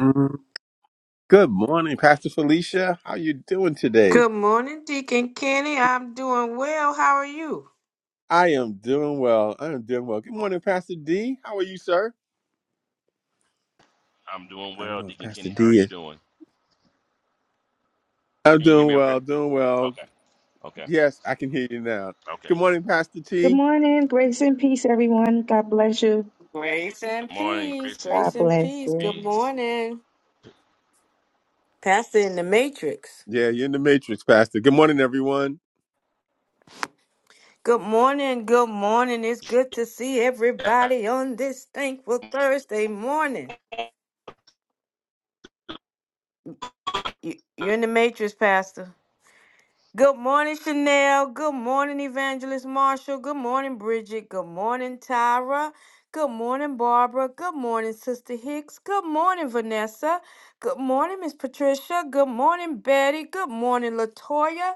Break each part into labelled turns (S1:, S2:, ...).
S1: Mm, Good morning, Pastor Felicia. How you doing today?
S2: Good morning, Deacon Kenny. I'm doing well. How are you?
S1: I am doing well. I am doing well. Good morning, Pastor D. How are you, sir?
S3: I'm doing
S1: I don't
S3: well,
S1: know if
S3: Deacon
S1: Pastor
S3: Kenny. How are
S1: D
S3: you
S1: is.
S3: doing?
S1: I'm
S3: Can you hear
S1: doing
S3: me
S1: well,
S3: okay?
S1: doing well.
S3: Okay, okay,
S1: Yes, I can hear you now.
S3: okay.
S1: Good morning, Pastor
S4: Good
S1: T.
S4: morning. Grace and peace, everyone. God bless you.
S2: Grace and
S3: Good morning,
S2: peace.
S3: grace
S4: God
S2: Grace
S3: and
S2: and
S4: bless
S2: peace.
S4: you.
S2: Good
S3: peace.
S2: morning. Pastor in the Matrix.
S1: Yeah, you're in the matrix, Pastor. Good morning, everyone.
S2: Good morning. Good morning. It's good to see
S3: Yeah,
S2: everybody on this thankful Thursday morning. You, you're in the Matrix, Pastor. Good morning, Chanel. Good morning, Evangelist Marshall. Good morning, Bridget. Good morning, Tyra. Good morning, Barbara. Good morning, Sister Hicks. Good morning, Vanessa. Good morning, Miss Patricia. Good morning, Betty. Good morning, Latoya.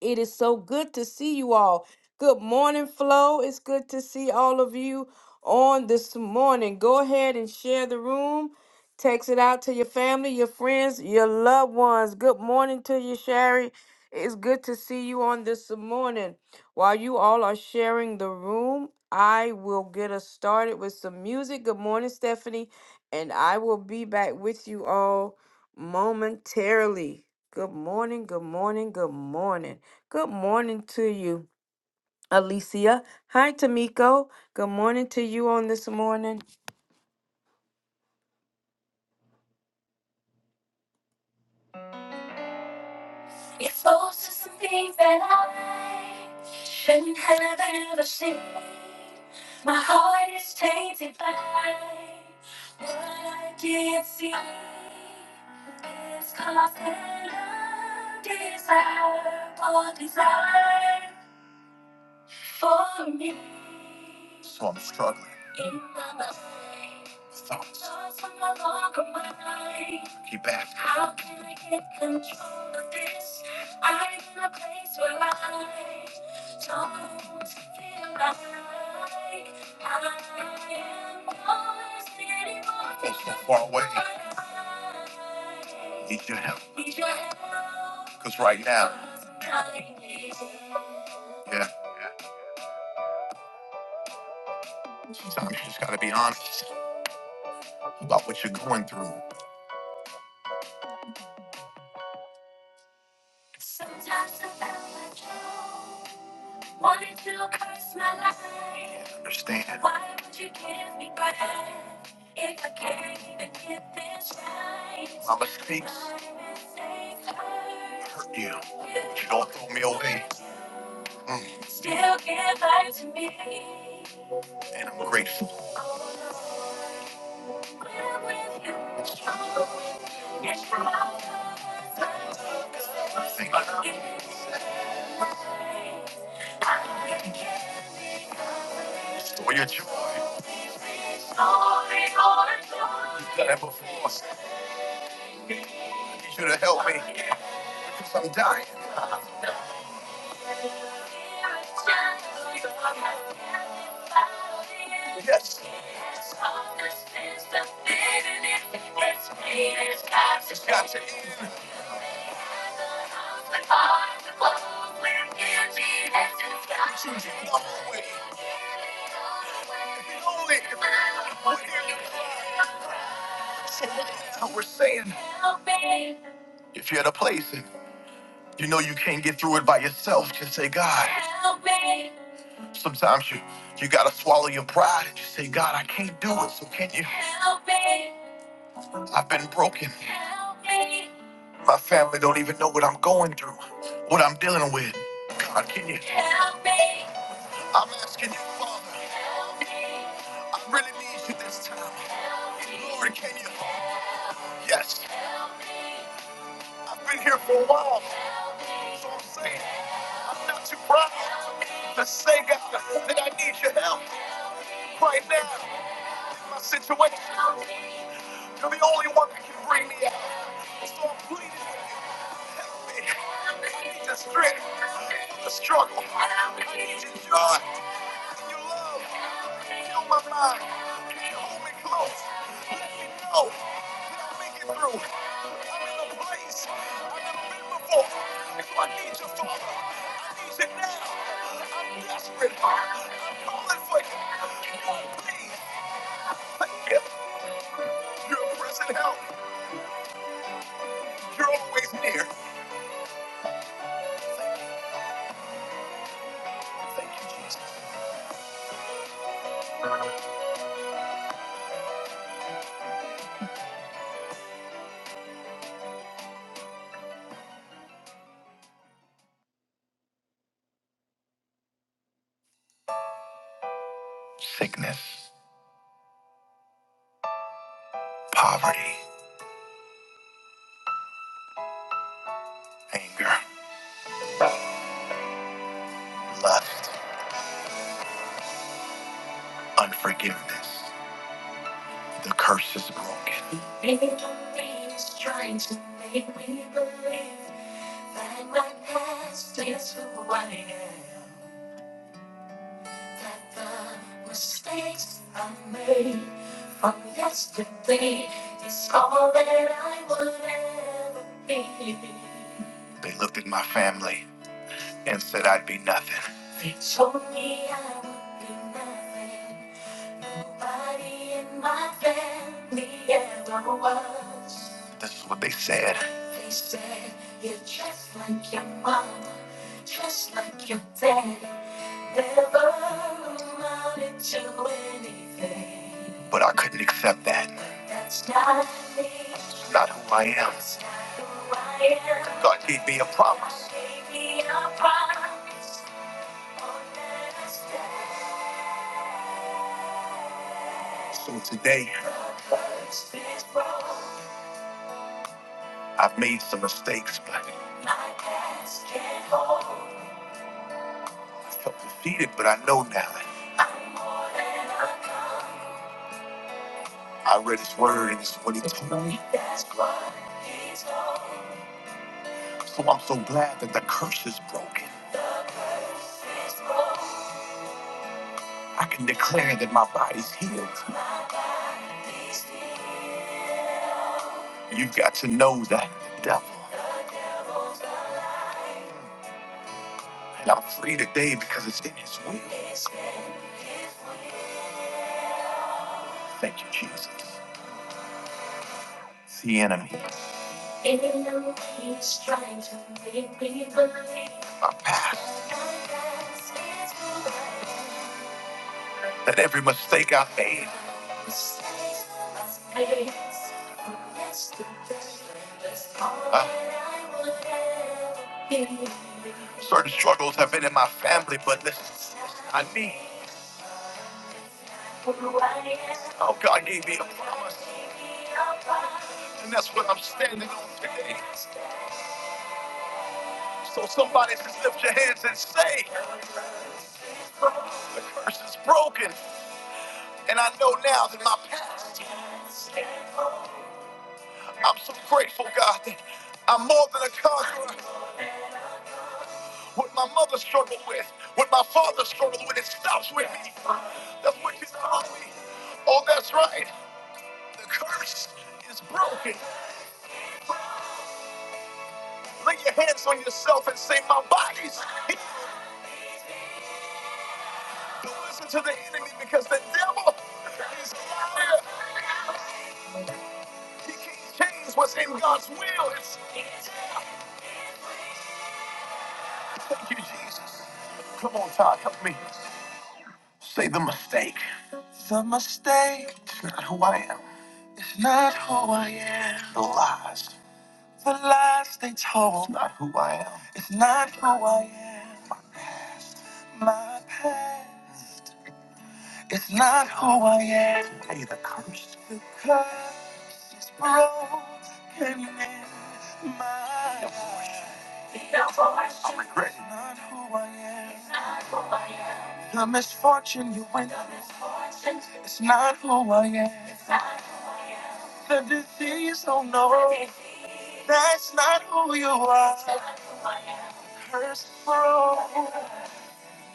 S2: It is so good to see you all. Good morning, Flo. It's good to see all of you on this morning. Go ahead and share the room. Text it out to your family, your friends, your loved ones. Good morning to you, Sherry. It's good to see you on this morning. While you all are sharing the room, I will get us started with some music. Good morning, Stephanie. And I will be back with you all momentarily. Good morning, good morning, good morning. Good morning to you, Alicia. Hi, Tamiko. Good morning to you on this morning. Exposed to some things that I shouldn't have ever seen. My heart is tainted by what I can't see. It's caused an undesirable desire. for me. So I'm struggling. In my mind. Thoughts. Thoughts are no longer mine. He back. How can I get control of this? I'm in a place where I don't feel like I am yours anymore. Think you're far away. Need your help. Need your help. Cause right now. Yeah. Yeah. Sometimes you just gotta be honest about what you're going through. Sometimes I felt like you wanted to curse my life. I understand. Why would you give me breath if I can't even get this right? My mistakes hurt you, but you don't throw me away. Mm. Still give life to me. And I'm grateful. Oh, Lord, I'm with you. Struggle with you. It's from all of us. I Thank you. Restore your joy. You've done it before. I need you to help me. 'cause I'm dying. Yes. It's got to Choose one way. The only one here now. We're saying, if you're at a place and you know you can't get through it by yourself, just say, God. Sometimes you you gotta swallow your pride and just say, God, I can't do it. So can you help me? I've been broken. Help me. My family don't even know what I'm going through, what I'm dealing with. God, can you help me? I'm asking you, Father. Help me. I really need you this time. Help me. Lord, can you? Yes. I've been here for a while, so I'm saying I'm not too proud to say, God, that I need your help right now. my situation. You're the only one that can bring me out. So I'm pleading with you, help me. I need the strength for the struggle. I need your joy and your love. heal my mind. Can you hold me close? Let me know that I'll make it through. I'm in a place I've never been before. So I need you, Father. I need you now. I'm desperate. I'm calling for you. God, please. Forgive me. Your present help. You're always near. Thank you. Thank you, Jesus. Sickness, poverty, anger, lust, unforgiveness. The curse is broken. Everything is trying to make me believe that my past is who I am. that the mistakes I made from yesterday is all that I will ever be. They looked at my family and said I'd be nothing. They told me I would be nothing. Nobody in my family ever was. That's what they said. They said, You're just like your mom, just like your dad. Never amounted to anything. But I couldn't accept that. That's not me. That's not who I am. That's not who I am. God gave me a promise. God gave me a promise. So today, I've made some mistakes, but I felt defeated, but I know now. I read his word and it's what he told me. So I'm so glad that the curse is broken. I can declare that my body's healed. You've got to know that the devil. And I'm free today because it's in His will. Thank you, Jesus. It's the enemy. He's trying to make me believe. My past. That every mistake I made. Huh? Certain struggles have been in my family, but this I not Oh, God gave me a promise, and that's what I'm standing on today. So somebody just lift your hands and say, the curse is broken, and I know now that my past, I'm so grateful, God, that I'm more than a conqueror. What my mother struggled with, what my father struggled with, it stops with me. That's what you tell me. Oh, that's right. The curse is broken. Lay your hands on yourself and say, My body's healed. Don't listen to the enemy because the devil is a liar. He can't change what's in God's will. It's thank you, Jesus. Come on, Todd, help me. Say the mistake. The mistake. It's not who I am. It's not who I am. The lies. The lies they told. It's not who I am. It's not who I am. My past. My past. It's not who I am. Hey, the curse. The curse broken in my I'm regretting. It's not who I am. The misfortune you went. It's not who I am. Disease, oh no. It's not who you are.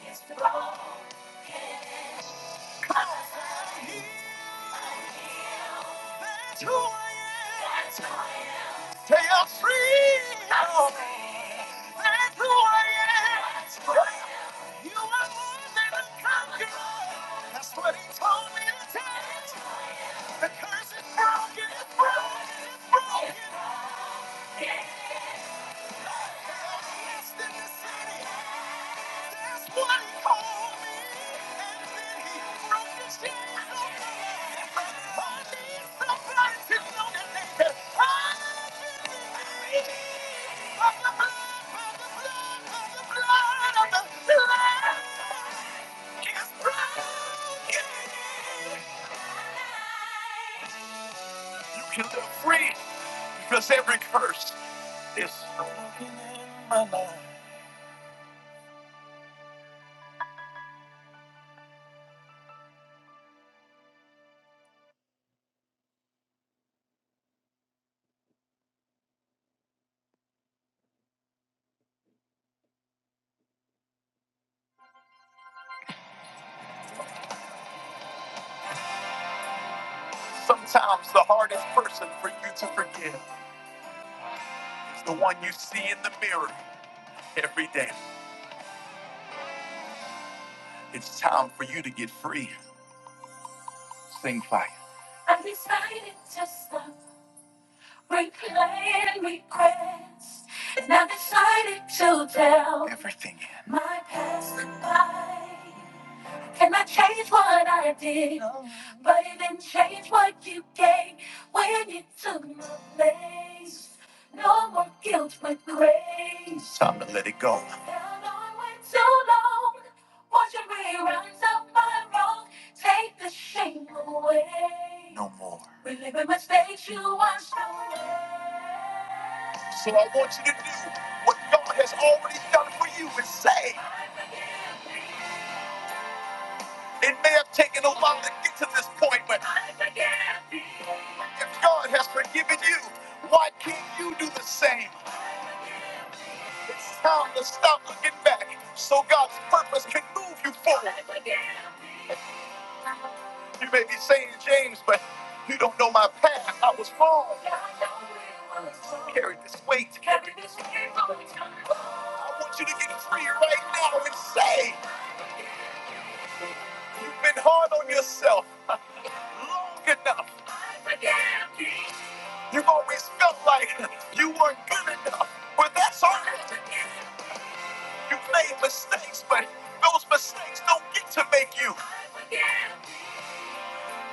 S2: That's who I am. They are free. That's who I am. You are more than a conqueror. That's what he told me to tell The curse is broken, it's broken, it's broken. You can live free because every curse is sometimes the hardest person for you to forgive. It's the one you see in the mirror. every day. It's time for you to get free. Sing fire. I'm decided to stop replaying regrets. And I decided to tell everything in my past goodbye. Can I change what I did? No. But it didn't change what you gave when you took my place. No more guilt, but grace. Time to let it go. Held on way too long. Watching reruns of my wrong. Take the shame away. No more. Reliving mistakes you washed away. So I want you to do what God has already done for you and say, I forgive me. It may have taken a while to get to this point, but if God has forgiven you, why can't you do the same? It's time to stop looking back so God's purpose can move you forward. You may be saying, James, but you don't know my past. I was wrong. Carry this weight. I want you to get free right now and say. You've been hard on yourself long enough. You've always felt like you weren't good enough, but that's all. right. You've made mistakes, but those mistakes don't get to make you.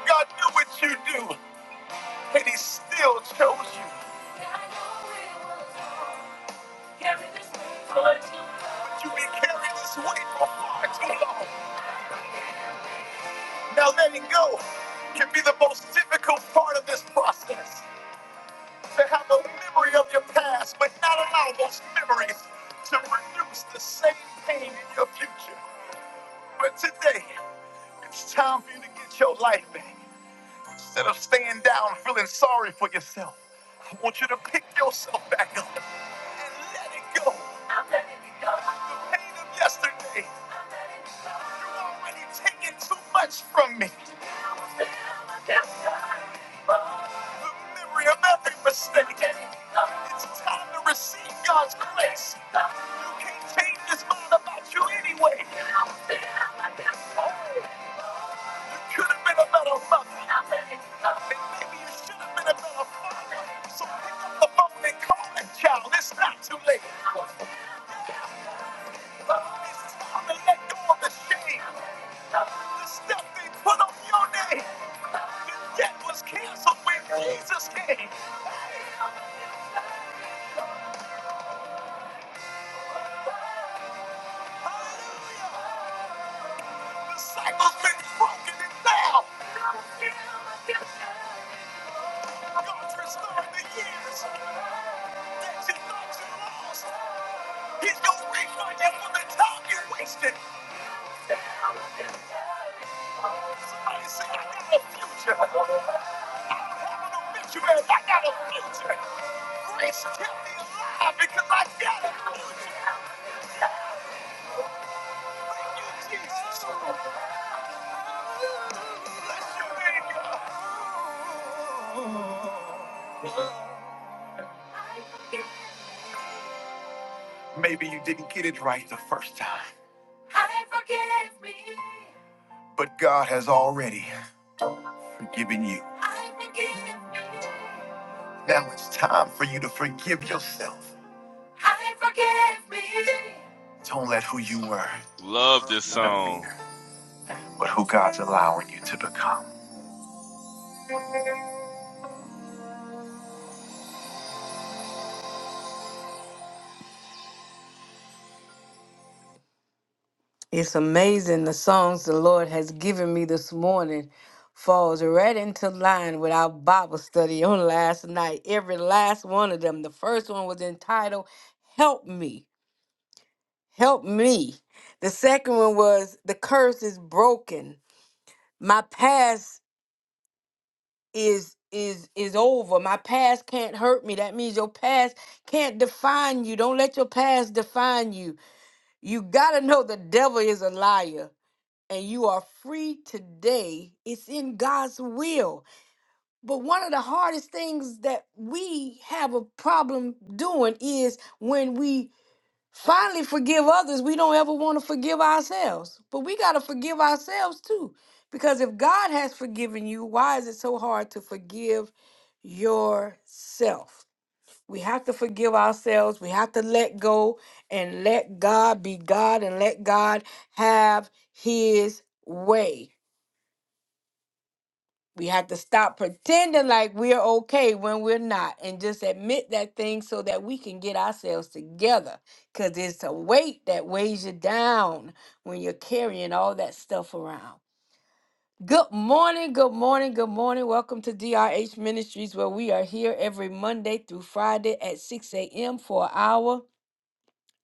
S2: God knew what you do, and He still chose you. But you've been carrying this weight for far too long. Now letting go can be the most difficult part of this process. To have a memory of your past, but not allow those memories to produce the same pain in your future. But today, it's time for you to get your life back. Instead of staying down feeling sorry for yourself, I want you to pick yourself back up and let it go. I'm letting it go. The pain of yesterday. I'm letting it go. You've already taken too much from me. The memory of every mistake. It's time to receive God's grace. You can't change his mind about you anyway. You could have been a better mother. And maybe you should have been a better father. So pick up the phone and call that child. It's not too late. It's time to let go of the shame. The stuff they put on your name. The debt was canceled when Jesus came. Hallelujah. The cycle's been broken and now. God's restoring the years that you thought you lost. He's going to refund you for the time you wasted. Somebody say, I got a future. I don't have an obituary. I got a future. Grace kept me alive because I got a future. Maybe you didn't get it right the first time. I forgive me. But God has already forgiven you. I forgive me. Now it's time for you to forgive yourself. I forgive me. Don't let who you were
S3: Love this song.
S2: interfere with who God's allowing you to become. It's amazing the songs the Lord has given me this morning falls right into line with our Bible study on last night. Every last one of them. The first one was entitled Help Me. Help me. The second one was The curse is broken. My past is is is over. My past can't hurt me. That means your past can't define you. Don't let your past define you. You got to know the devil is a liar. and you are free today, it's in God's will. But one of the hardest things that we have a problem doing is when we finally forgive others, we don't ever want to forgive ourselves. But we got to forgive ourselves too. Because if God has forgiven you, why is it so hard to forgive yourself? We have to forgive ourselves. We have to let go and let God be God and let God have his way. We have to stop pretending like we're okay when we're not and just admit that thing so that we can get ourselves together. Because it's a weight that weighs you down when you're carrying all that stuff around. Good morning, good morning, good morning. Welcome to DRH Ministries, where we are here every Monday through Friday at 6 a.m. for an hour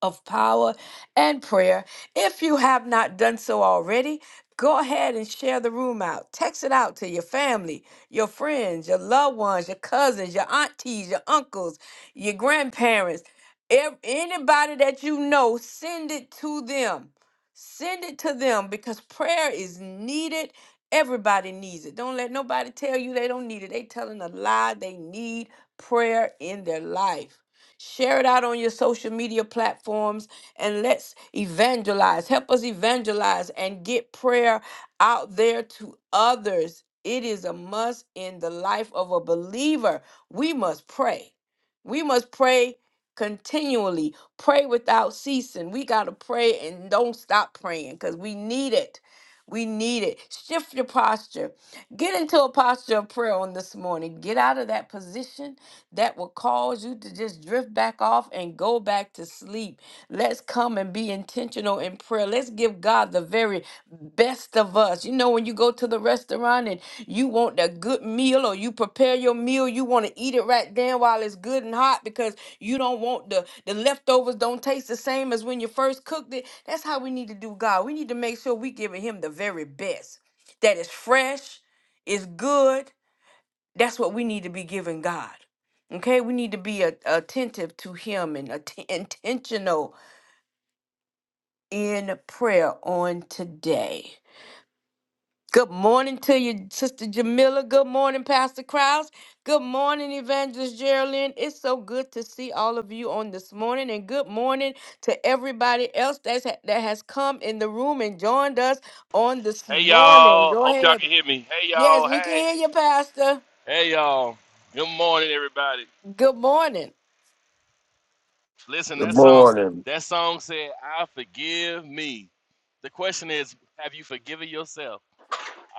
S2: of power and prayer. If you have not done so already, go ahead and share the room out. Text it out to your family, your friends, your loved ones, your cousins, your aunties, your uncles, your grandparents, ev- anybody that you know, send it to them. Send it to them because prayer is needed. Everybody needs it. Don't let nobody tell you they don't need it. They telling a lie. They need prayer in their life. Share it out on your social media platforms and let's evangelize. Help us evangelize and get prayer out there to others. It is a must in the life of a believer. We must pray. We must pray continually. Pray without ceasing. We got to pray and don't stop praying because we need it. We need it. Shift your posture. Get into a posture of prayer on this morning. Get out of that position that will cause you to just drift back off and go back to sleep. Let's come and be intentional in prayer. Let's give God the very best of us. You know, when you go to the restaurant and you want a good meal or you prepare your meal, you want to eat it right then while it's good and hot because you don't want the, the leftovers don't taste the same as when you first cooked it. That's how we need to do God. We need to make sure we giving him the very best that is fresh, is good, that's what we need to be giving God. Okay, we need to be a- attentive to Him and atten- intentional in prayer on today. Good morning to you, Sister Jamila. Good morning, Pastor Krause. Good morning, Evangelist Geraldine. It's so good to see all of you on this morning, and good morning to everybody else that's ha- that has come in the room and joined us on this
S3: Hey,
S2: morning.
S3: y'all.
S2: Go
S3: Hope y'all
S2: ahead.
S3: can hear me. Hey,
S2: Yes,
S3: y'all.
S2: we can
S3: Hey,
S2: hear you, Pastor.
S3: hey, y'all. Good morning, everybody.
S2: Good morning.
S3: Listen,
S5: Good
S3: that song,
S5: morning,
S3: that song said, I forgive me. The question is, have you forgiven yourself?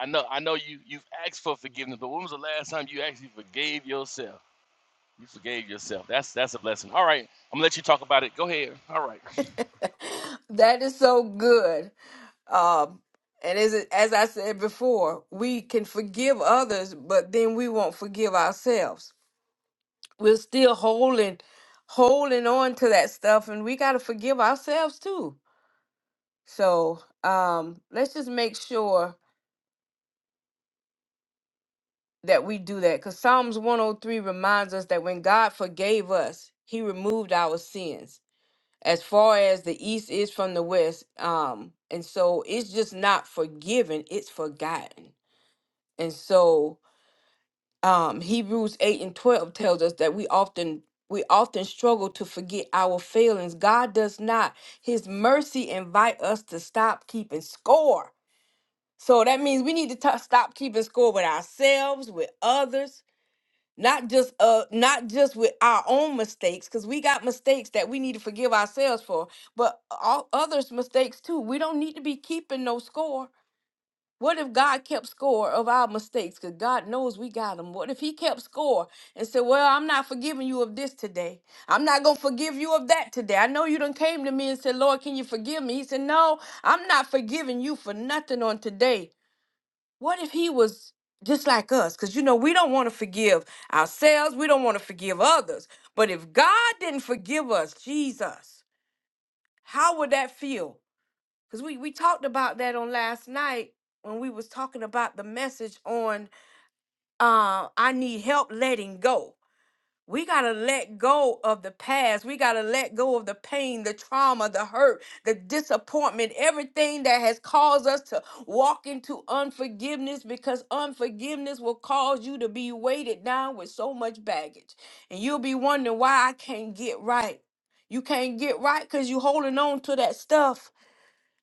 S3: I know, I know you, you've asked for forgiveness, but when was the last time you actually forgave yourself? You forgave yourself. That's that's a blessing. All right, I'm gonna let you talk about it. Go ahead. All right.
S2: That is so good. Um, and as it- as I said before, we can forgive others, but then we won't forgive ourselves. We're still holding holding on to that stuff, and we got to forgive ourselves too. So um, let's just make sure that we do that, because Psalms one hundred three reminds us that when God forgave us, He removed our sins. as far as the east is from the west um and so it's just not forgiven it's forgotten and so um hebrews 8 and 12 tells us that we often we often struggle to forget our failings god does not his mercy invite us to stop keeping score so that means we need to t- stop keeping score with ourselves with others not just uh not just with our own mistakes because we got mistakes that we need to forgive ourselves for but all others mistakes too we don't need to be keeping no score what if god kept score of our mistakes because god knows we got them what if he kept score and said well i'm not forgiving you of this today i'm not gonna forgive you of that today i know you done came to me and said lord can you forgive me he said no i'm not forgiving you for nothing on today what if he was just like us? Because, you know, we don't want to forgive ourselves. We don't want to forgive others. But if God didn't forgive us, Jesus, how would that feel? Because we, we talked about that on last night when we was talking about the message on uh, I need help letting go. We got to let go of the past. We got to let go of the pain, the trauma, the hurt, the disappointment, everything that has caused us to walk into unforgiveness because unforgiveness will cause you to be weighted down with so much baggage. And you'll be wondering why I can't get right. You can't get right because you're holding on to that stuff.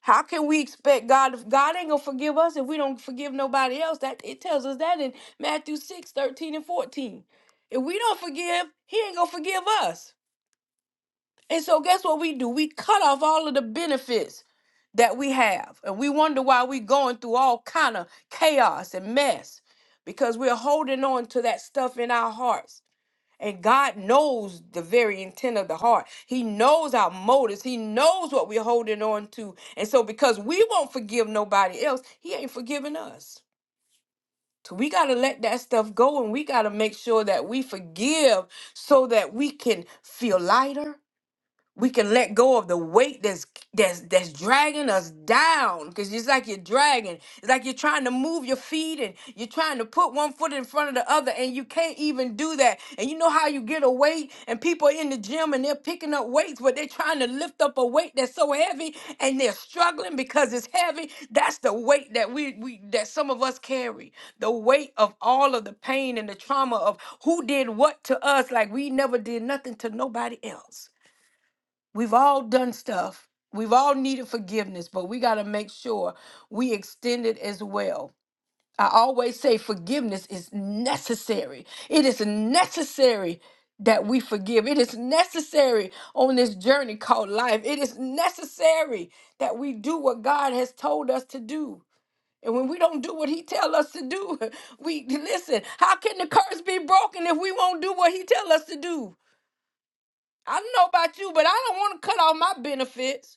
S2: How can we expect God? If God ain't gonna forgive us if we don't forgive nobody else. That it tells us that in Matthew 6 13 and 14. If we don't forgive, he ain't gonna forgive us. And so guess what we do? We cut off all of the benefits that we have. And we wonder why we going through all kind of chaos and mess. Because we're holding on to that stuff in our hearts and God knows the very intent of the heart. He knows our motives. He knows what we're holding on to. And so, because we won't forgive nobody else, He ain't forgiving us. So, we got to let that stuff go and we got to make sure that we forgive so that we can feel lighter, we can let go of the weight that's that's that's dragging us down because it's like you're dragging it's like you're trying to move your feet and you're trying to put one foot in front of the other and you can't even do that and you know how you get a weight and people are in the gym and they're picking up weights but they're trying to lift up a weight that's so heavy and they're struggling because it's heavy that's the weight that we, we that some of us carry the weight of all of the pain and the trauma of who did what to us like we never did nothing to nobody else We've all done stuff. We've all needed forgiveness, but we got to make sure we extend it as well. I always say forgiveness is necessary. It is necessary that we forgive. It is necessary on this journey called life. It is necessary that we do what God has told us to do. And when we don't do what he tell us to do, we listen, how can the curse be broken if we won't do what he tell us to do? I don't know about you, but I don't want to cut off my benefits.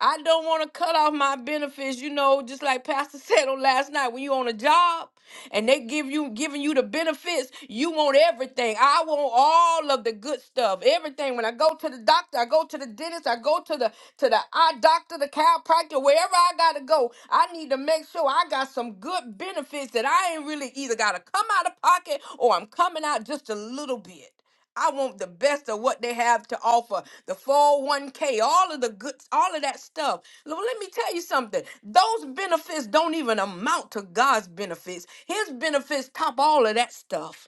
S2: I don't want to cut off my benefits, you know, just like Pastor said on last night when you on a job and they give you giving you the benefits, you want everything. I want all of the good stuff. Everything. When I go to the doctor, I go to the dentist, I go to the to the eye doctor, the chiropractor, wherever I gotta go, I need to make sure I got some good benefits that I ain't really either gotta come out of pocket or I'm coming out just a little bit. I want the best of what they have to offer. The 401k, all of the good, all of that stuff. Lo- Let me tell you something. Those benefits don't even amount to God's benefits. His benefits top all of that stuff.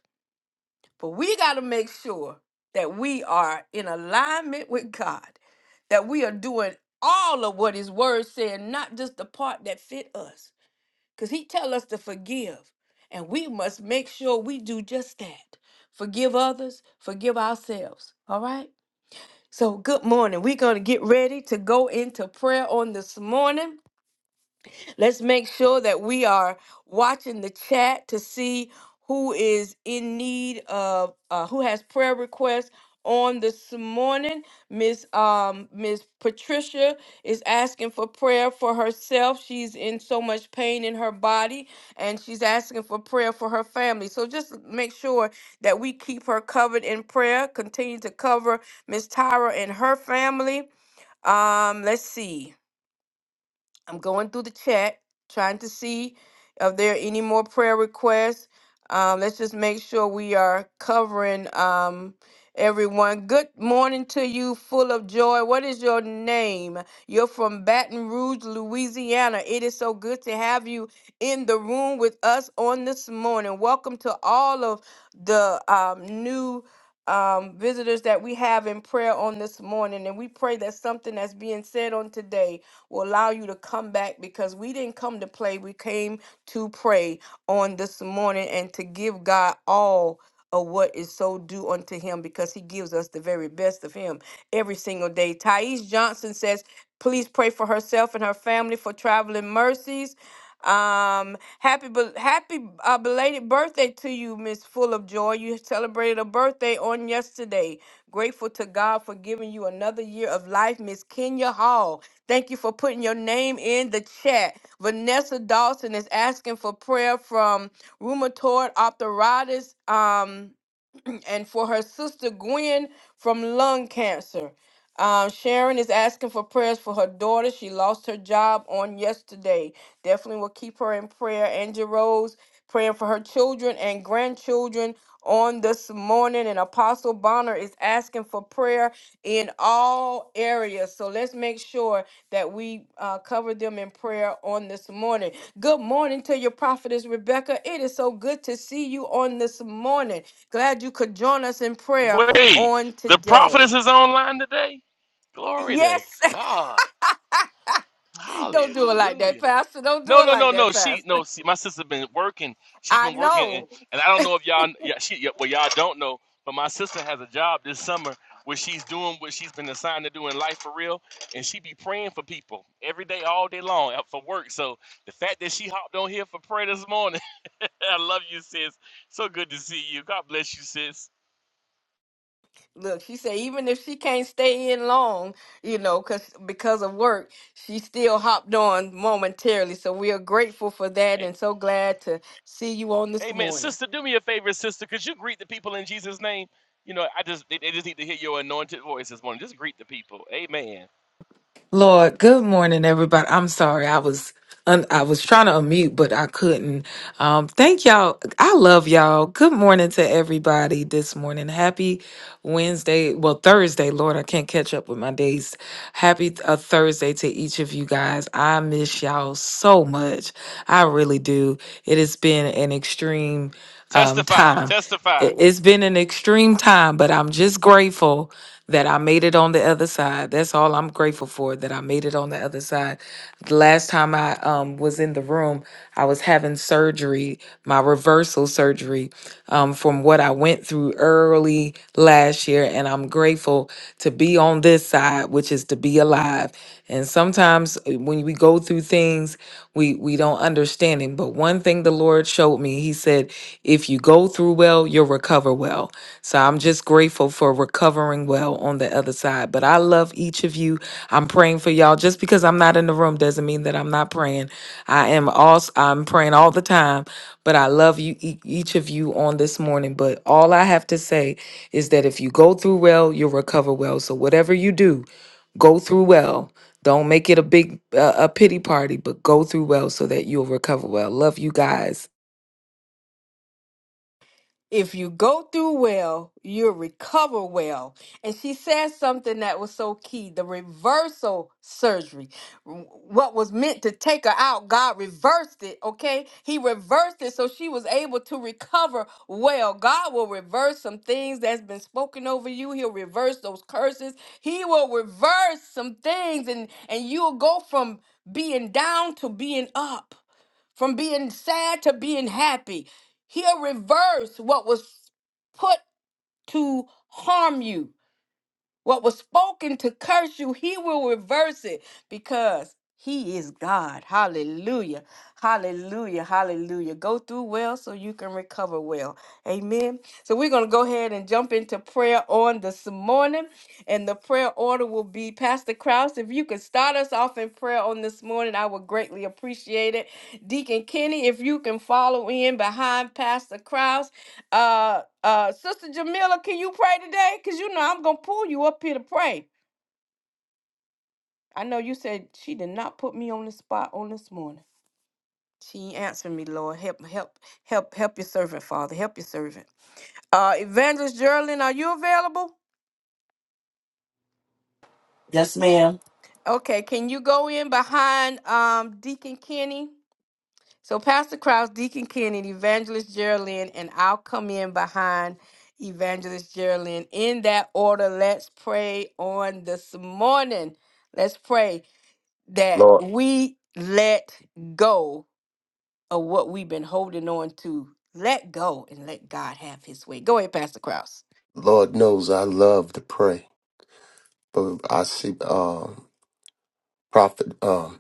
S2: But we got to make sure that we are in alignment with God, that we are doing all of what His Word said, not just the part that fit us because he tell us to forgive and we must make sure we do just that forgive others forgive ourselves all right so good morning we're going to get ready to go into prayer on this morning Let's make sure that we are watching the chat to see who is in need of uh, who has prayer requests on this morning. Miss um Miss Patricia is asking for prayer for herself. She's in so much pain in her body and she's asking for prayer for her family. So just make sure that we keep her covered in prayer. Continue to cover Miss Tyra and her family. Um let's see. I'm going through the chat, trying to see if there are any more prayer requests. Um, let's just make sure we are covering um, everyone. Good morning to you, full of joy. What is your name? You're from Baton Rouge, Louisiana. It is so good to have you in the room with us on this morning. Welcome to all of the um, new um, visitors that we have in prayer on this morning. And we pray that something that's being said on today will allow you to come back because we didn't come to play. We came to pray on this morning and to give God all of what is so due unto him because he gives us the very best of him every single day. Thais Johnson says, please pray for herself and her family for traveling mercies. Um, happy, bel- happy uh, belated birthday to you, Miss Full of Joy. You celebrated a birthday on yesterday. Grateful to God for giving you another year of life, Miss Kenya Hall. Thank you for putting your name in the chat. Vanessa Dawson is asking for prayer from rheumatoid arthritis. Um, and for her sister Gwen from lung cancer. Um, Sharon is asking for prayers for her daughter. She lost her job on yesterday. Definitely will keep her in prayer. Angel Rose praying for her children and grandchildren on this morning. And Apostle Bonner is asking for prayer in all areas. So let's make sure that we uh, cover them in prayer on this morning. Good morning to your prophetess, Rebecca. It is so good to see you on this morning. Glad you could join us in prayer
S3: Wait,
S2: on
S3: the
S2: today.
S3: prophetess is online today. Glory to
S2: Yes.
S3: God.
S2: don't do it like
S3: Hallelujah.
S2: that, Pastor. Don't do
S3: No,
S2: it
S3: no, no,
S2: like
S3: no.
S2: that,
S3: She no.
S2: Pastor.
S3: See, my sister been working. she
S2: I
S3: been working, and,
S2: know.
S3: and I don't know if y'all. Yeah, she. Yeah, well, y'all don't know, but my sister has a job this summer where she's doing what she's been assigned to do in life for real, and she be praying for people every day, all day long, out for work. So the fact that she hopped on here for prayer this morning, I love you, sis. So good to see you. God bless you, sis.
S2: Look, she said even if she can't stay in long, you know, cause because of work, she still hopped on momentarily. So we are grateful for that
S3: Hey,
S2: and so glad to see you on
S3: hey,
S2: this
S3: man,
S2: morning.
S3: sister, do me a favor, sister. Could you greet the people in Jesus' name? You know, I just they, they just need to hear your anointed voice this morning. Just greet the people. Amen.
S6: Lord, good morning, everybody. I'm sorry, I was un- I was trying to unmute, but I couldn't. Um, thank y'all. I love y'all. Good morning to everybody this morning. Happy Wednesday, well Thursday. Lord, I can't catch up with my days. Happy uh, Thursday to each of you guys. I miss y'all so much. I really do. It has been an extreme um,
S3: Testify,
S6: time
S3: testify.
S6: it- it's been an extreme time, but I'm just grateful that I made it on the other side. That's all I'm grateful for that I made it on the other side. The last time I um was in the room, I was having surgery, my reversal surgery um from what I went through early last year and I'm grateful to be on this this side, which is to be alive. And sometimes uh, when we go through things, we we don't understand it. But one thing the Lord showed me, He said, if you go through well, you'll recover well. So I'm just grateful for recovering well on the other side. But I love each of you. I'm praying for y'all. Just because I'm not in the room doesn't mean that I'm not praying. I am also I'm praying all the time. But I love you e- each of you on this morning. But all I have to say is that if you go through well, you'll recover well. So whatever you do, go through well. Don't make it a big uh, a pity party, but go through well so that you'll recover well. Love you guys.
S2: If you go through well, you'll recover well. And she said something that was so key the reversal surgery. What was meant to take her out, God reversed it, okay? He reversed it so she was able to recover well. God will reverse some things that's been spoken over you. He'll reverse those curses. He will reverse some things and, and you'll go from being down to being up from being sad to being happy. He'll reverse what was put to harm you. What was spoken to curse you, he will reverse it because he is God. Hallelujah. Hallelujah. Hallelujah. Go through well so you can recover well. Amen. So we're going to go ahead and jump into prayer on this morning. And the prayer order will be Pastor Krause. If you could start us off in prayer on this morning, I would greatly appreciate it. Deacon Kenny, if you can follow in behind Pastor Krause. Uh, uh, Sister Jamila, can you pray today? Cause you know I'm gonna pull you up here to pray. I know you said she did not put me on the spot on this morning. She answered me, Lord, help, help, help, help your servant, Father, help your servant. Uh, Evangelist Geraldine, are you available?
S7: Yes, ma'am.
S2: Okay, can you go in behind um Deacon Kenny? So Pastor Krause, Deacon Ken, and Evangelist Geraldine, and I'll come in behind Evangelist Geraldine. In that order, let's pray on this morning. Let's pray that
S5: Lord.
S2: we let go of what we've been holding on to. Let go and let God have his way. Go ahead, Pastor Krause.
S5: Lord knows I love to pray, but I see uh, prophet, um,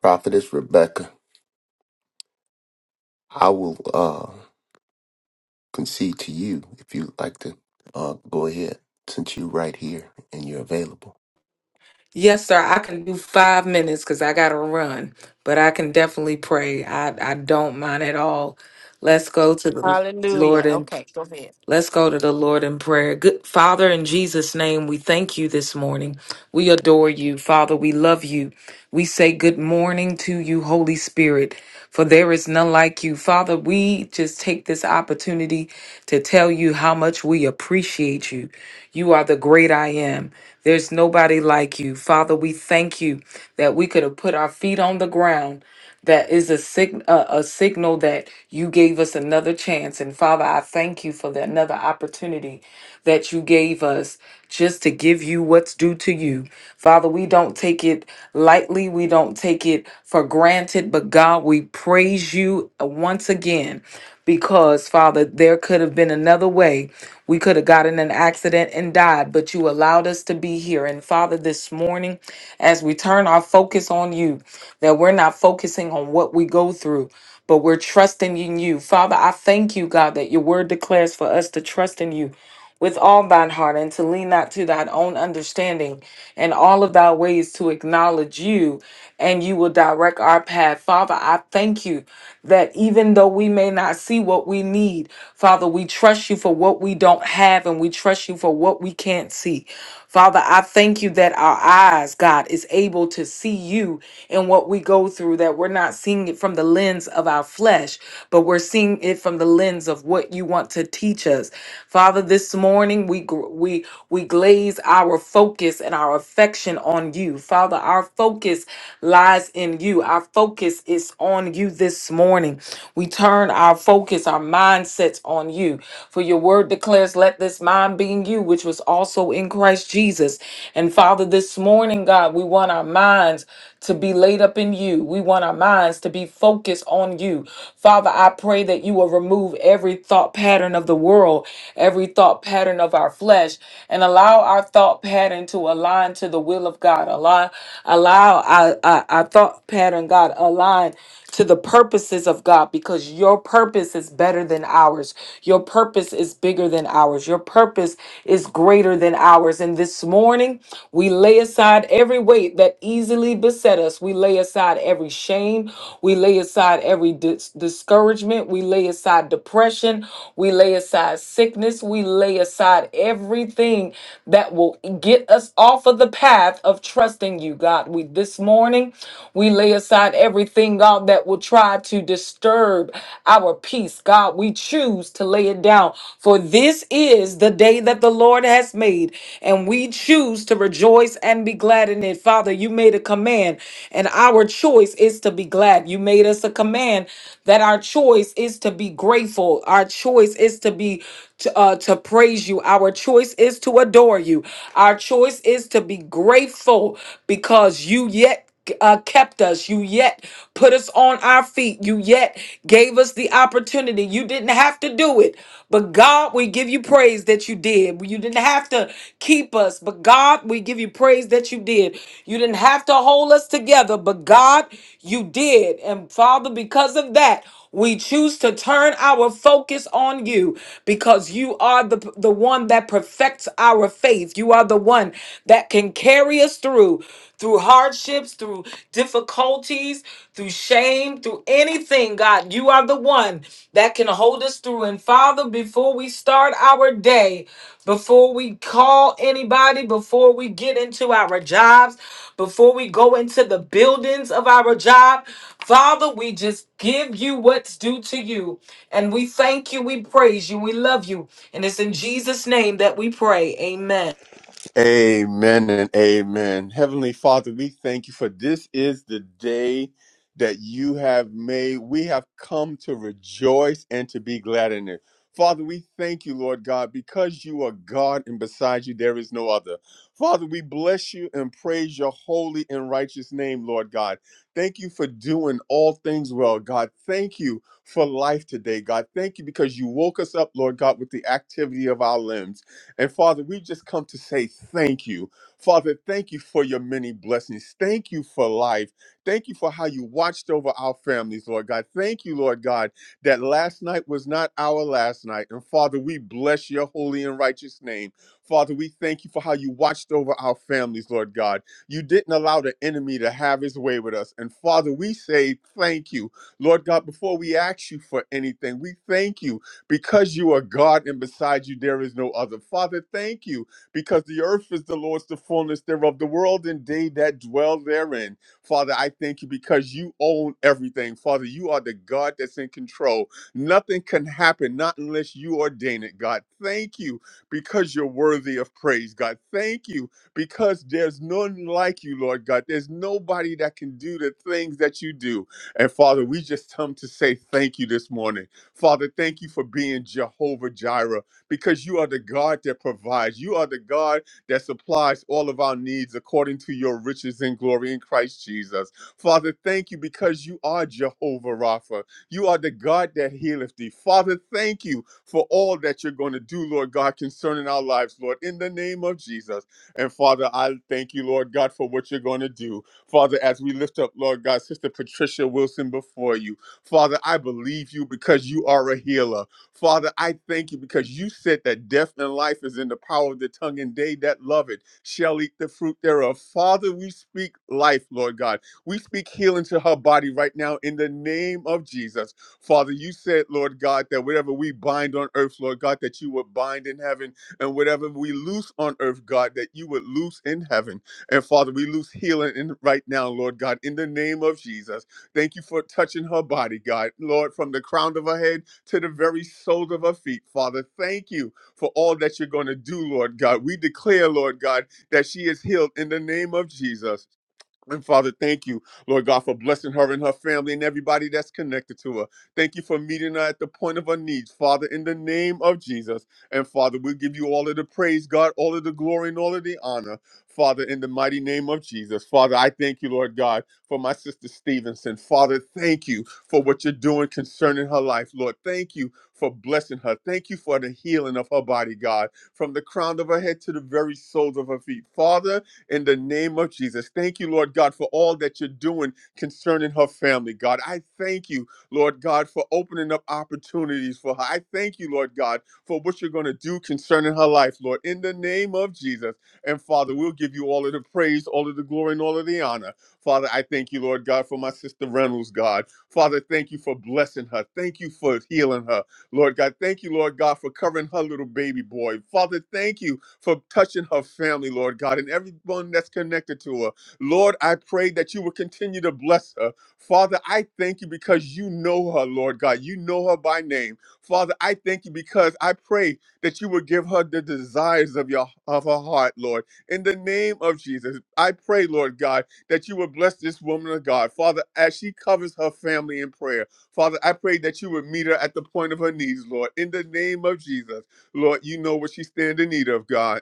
S5: prophetess Rebecca. I will uh, concede to you if you like to uh, go ahead, since you're right here and you're available.
S6: Yes, sir. I can do five minutes because I gotta run, but I can definitely pray. I I don't mind at all. Let's go to the Lord
S2: Hallelujah.
S6: in
S2: Okay, go ahead.
S6: Let's go to the Lord in prayer. Good Father, in Jesus' name, we thank you this morning. We adore you. Father, we love you. We say good morning to you, Holy Spirit, for there is none like you. Father, we just take this opportunity to tell you how much we appreciate you. You are the great I am. There's nobody like you. Father, we thank you that we could have put our feet on the ground that is a, sig- a, a signal that you gave us another chance. And Father, I thank you for that another opportunity that you gave us just to give you what's due to you. Father, we don't take it lightly, we don't take it for granted, but God, we praise you uh, once again because, Father, there could have been another way. We could have gotten in an accident and died, but you allowed us to be here. And Father, this morning, as we turn our focus on you, that we're not focusing on what we go through, but we're trusting in you. Father, I thank you, God, that your word declares for us to trust in you with all thine heart and to lean not to thine own understanding and all of thy ways to acknowledge you and you will direct our path. Father, I thank you that even though we may not see what we need, Father, we trust you for what we don't have and we trust you for what we can't see. Father, I thank you that our eyes, God, is able to see you and what we go through, that we're not seeing it from the lens of our flesh, but we're seeing it from the lens of what you want to teach us. Father, this morning we gr- we we glaze our focus and our affection on you. Father, our focus lies in you. Our focus is on you this morning. We turn our focus, our mindsets on you. For your word declares, let let this mind be in you, which was also in Christ Jesus. And Father, this morning, God, we want our minds to be laid up in you. We want our minds to be focused on you. Father, I pray that you will remove every thought pattern of the world, every thought pattern of our flesh, and allow our thought pattern to align to the will of God. Align, allow our, our, our thought pattern, God, align to the purposes of God because your purpose is better than ours. Your purpose is bigger than ours. Your purpose is greater than ours. And this morning, we lay aside every weight that easily beset us. We lay aside every shame. We lay aside every dis- discouragement. We lay aside depression. We lay aside sickness. We lay aside everything that will get us off of the path of trusting you, God. We this morning, we lay aside everything, God, that will try to you disturb our peace, God, we choose to lay it down. For this is the day that the Lord has made, and we choose to rejoice and be glad in it. Father, you made a command, and our choice is to be glad. You made us a command that our choice is to be grateful. Our choice is to be to, uh, to praise you. Our choice is to adore you. Our choice is to be grateful because you yet uh, kept us. You yet put us on our feet. You yet gave us the opportunity. You didn't have to do it, but God, we give you praise that you did. You didn't have to keep us, but God, we give you praise that you did. You didn't have to hold us together, but God, you did. And Father, because of that, we choose to turn our focus on you because you are the, the one that perfects our faith. You are the one that can carry us through, through hardships, through difficulties, through shame, through anything, God. You are the one that can hold us through. And Father, before we start our day, before we call anybody, before we get into our jobs, before we go into the buildings of our job. Father, we just give you what's due to you. And we thank you, we praise you, we love you. And it's in Jesus' name that we pray. Amen.
S1: Amen and amen. Heavenly Father, we thank you for this is the day that you have made. We have come to rejoice and to be glad in it. Father, we thank you, Lord God, because you are God and beside you there is no other. Father, we bless you and praise your holy and righteous name, Lord God. Thank you for doing all things well, God. Thank you for life today, God. Thank you because you woke us up, Lord God, with the activity of our limbs. And Father, we just come to say thank you. Father, thank you for your many blessings. Thank you for life. Thank you for how you watched over our families, Lord God. Thank you, Lord God, that last night was not our last night. And Father, we bless your holy and righteous name. Father, we thank you for how you watched over our families, Lord God. You didn't allow the enemy to have his way with us. And Father, we say thank you. Lord God, before we ask you for anything, we thank you because you are God and beside you there is no other. Father, thank you because the earth is the Lord's, the fullness thereof, the world and they that dwell therein. Father, I thank you because you own everything. Father, you are the God that's in control. Nothing can happen, not unless you ordain it, God. Thank you because you're worthy of praise, God. Thank you because there's none like you, Lord God. There's nobody that can do the things that you do. And Father, we just come to say thank you this morning. Father, thank you for being Jehovah Jireh because you are the God that provides. You are the God that supplies all of our needs according to your riches and glory in Christ Jesus. Father, thank you because you are Jehovah Rapha. You are the God that healeth thee. Father, thank you for all that you're going to do, Lord God, concerning our lives, Lord, in the name of Jesus. And Father, I thank you, Lord God, for what you're going to do. Father, as we lift up, Lord God, Sister Patricia Wilson before you. Father, I believe you because you are a healer. Father, I thank you because you said that death and life is in the power of the tongue, and they that love it shall eat the fruit thereof. Father, we speak life, Lord God. We speak healing to her body right now in the name of Jesus. Father, you said, Lord God, that whatever we bind on earth, Lord God, that you would bind in heaven, and whatever we loose on earth, God, that you would loose in heaven. And Father, we loose healing in right now, Lord God, in the name of Jesus. Thank you for touching her body, God. Lord, from the crown of her head to the very soles of her feet, Father. Thank you for all that you're going to do, Lord God. We declare, Lord God, that she is healed in the name of Jesus. And Father, thank you, Lord God, for blessing her and her family and everybody that's connected to her. Thank you for meeting her at the point of her needs, Father, in the name of Jesus. And Father, we'll give you all of the praise, God, all of the glory and all of the honor, Father, in the mighty name of Jesus. Father, I thank you, Lord God, for my sister Stevenson. Father, thank you for what you're doing concerning her life, Lord. Thank you for blessing her. Thank you for the healing of her body, God, from the crown of her head to the very soles of her feet. Father, in the name of Jesus. Thank you, Lord God, for all that you're doing concerning her family, God. I thank you, Lord God, for opening up opportunities for her. I thank you, Lord God, for what you're going to do concerning her life, Lord, in the name of Jesus. And Father, we'll give you all of the praise, all of the glory, and all of the honor. Father, I thank you, Lord God, for my sister Reynolds, God. Father, thank you for blessing her. Thank you for healing her, Lord God. Thank you, Lord God, for covering her little baby boy. Father, thank you for touching her family, Lord God, and everyone that's connected to her. Lord, I pray that you will continue to bless her. Father, I thank you because you know her, Lord God. You know her by name. Father, I thank you because I pray that you will give her the desires of your of her heart, Lord. In the name of Jesus, I pray, Lord God, that you will bless this woman of God. Father, as she covers her family in prayer, Father, I pray that you would meet her at the point of her knees, Lord. In the name of Jesus. Lord, you know what she stand in need of, God.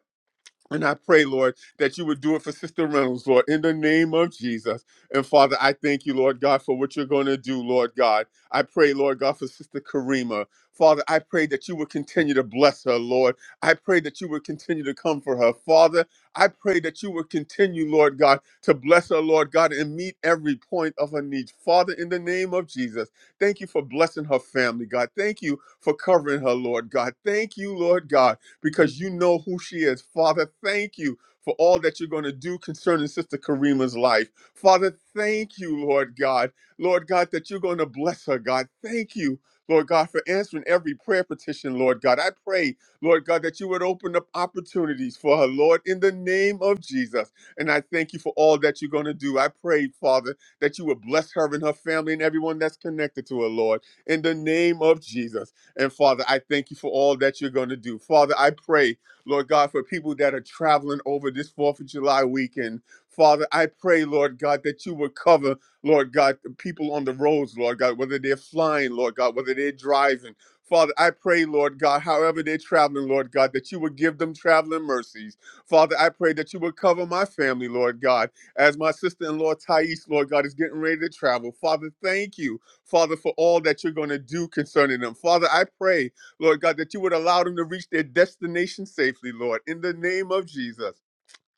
S1: And I pray, Lord, that you would do it for Sister Reynolds, Lord, in the name of Jesus. And Father, I thank you, Lord God, for what you're going to do, Lord God. I pray, Lord God, for Sister Karima. Father, I pray that you would continue to bless her, Lord. I pray that you would continue to come for her. Father, I pray that you would continue, Lord God, to bless her, Lord God, and meet every point of her needs. Father, in the name of Jesus, thank you for blessing her family, God. Thank you for covering her, Lord God. Thank you, Lord God because you know who she is. Father, thank you for all that you're going to do concerning Sister Karima's life. Father, thank you, Lord God. Lord God, that you're going to bless her, God. Thank you. Lord God, for answering every prayer petition, Lord God. I pray, Lord God, that you would open up opportunities for her, Lord, in the name of Jesus. And I thank you for all that you're going to do. I pray, Father, that you would bless her and her family and everyone that's connected to her, Lord, in the name of Jesus. And Father, I thank you for all that you're going to do. Father, I pray, Lord God, for people that are traveling over this 4th of July weekend. Father, I pray, Lord God, that you would cover, Lord God, the people on the roads, Lord God, whether they're flying, Lord God, whether they're driving. Father, I pray, Lord God, however they're traveling, Lord God, that you would give them traveling mercies. Father, I pray that you would cover my family, Lord God, as my sister in law, Thais, Lord God, is getting ready to travel. Father, thank you Father, for all that you're going to do concerning them. Father, I pray, Lord God, that you would allow them to reach their destination safely, Lord, in the name of Jesus.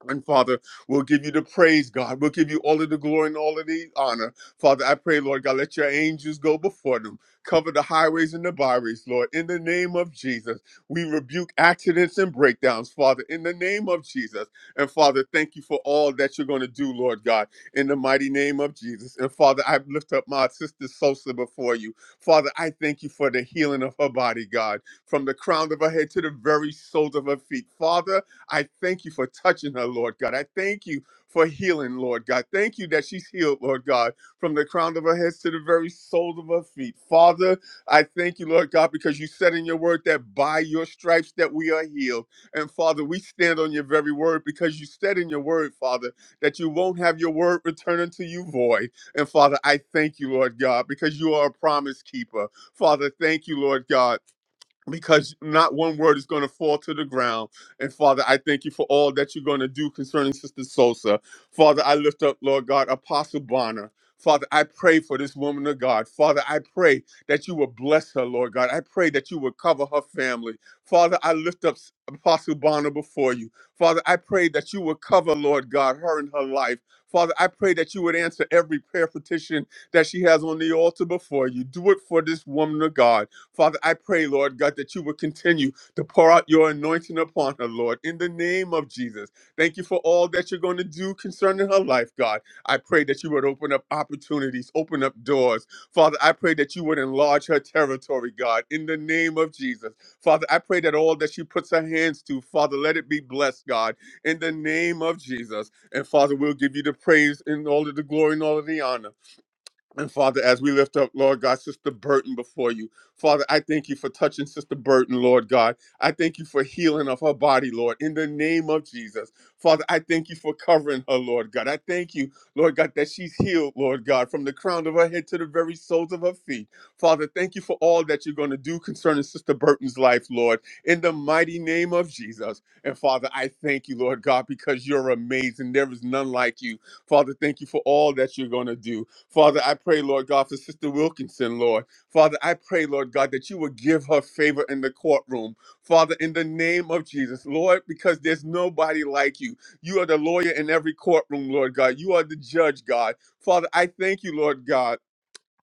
S1: And Father, we'll give you the praise, God. We'll give you all of the glory and all of the honor. Father, I pray, Lord God, let your angels go before them. Cover the highways and the byways, Lord. In the name of Jesus, we rebuke accidents and breakdowns, Father, in the name of Jesus. And Father, thank you for all that you're going to do, Lord God, in the mighty name of Jesus. And Father, I lift up my sister Sosa before you. Father, I thank you for the healing of her body, God, from the crown of her head to the very soles of her feet. Father, I thank you for touching her, Lord God. I thank you for healing, Lord God. Thank you that she's healed, Lord God, from the crown of her head to the very soles of her feet. Father, I thank you, Lord God, because you said in your word that by your stripes that we are healed. And Father, we stand on your very word because you said in your word, Father, that you won't have your word return unto you void. And Father, I thank you, Lord God, because you are a promise keeper. Father, thank you, Lord God because not one word is going to fall to the ground. And Father, I thank you for all that you're going to do concerning Sister Sosa. Father, I lift up, Lord God, Apostle Bonner. Father, I pray for this woman of God. Father, I pray that you will bless her, Lord God. I pray that you will cover her family. Father, I lift up Apostle Bonner before you. Father, I pray that you will cover, Lord God, her and her life. Father, I pray that you would answer every prayer petition that she has on the altar before you. Do it for this woman of God. Father, I pray, Lord God, that you would continue to pour out your anointing upon her, Lord, in the name of Jesus. Thank you for all that you're going to do concerning her life, God. I pray that you would open up opportunities, open up doors. Father, I pray that you would enlarge her territory, God, in the name of Jesus. Father, I pray that all that she puts her hands to, Father, let it be blessed, God, in the name of Jesus. And Father, we'll give you the praise and all of the glory and all of the honor. And Father, as we lift up, Lord God, Sister Burton before you, Father, I thank you for touching Sister Burton, Lord God. I thank you for healing of her body, Lord, in the name of Jesus. Father, I thank you for covering her, Lord God. I thank you, Lord God, that she's healed, Lord God, from the crown of her head to the very soles of her feet. Father, thank you for all that you're going to do concerning Sister Burton's life, Lord, in the mighty name of Jesus. And Father, I thank you, Lord God, because you're amazing. There is none like you. Father, thank you for all that you're going to do. Father, I pray, Lord God, for Sister Wilkinson, Lord. Father, I pray, Lord God, that you would give her favor in the courtroom. Father, in the name of Jesus, Lord, because there's nobody like you. You are the lawyer in every courtroom, Lord God. You are the judge, God. Father, I thank you, Lord God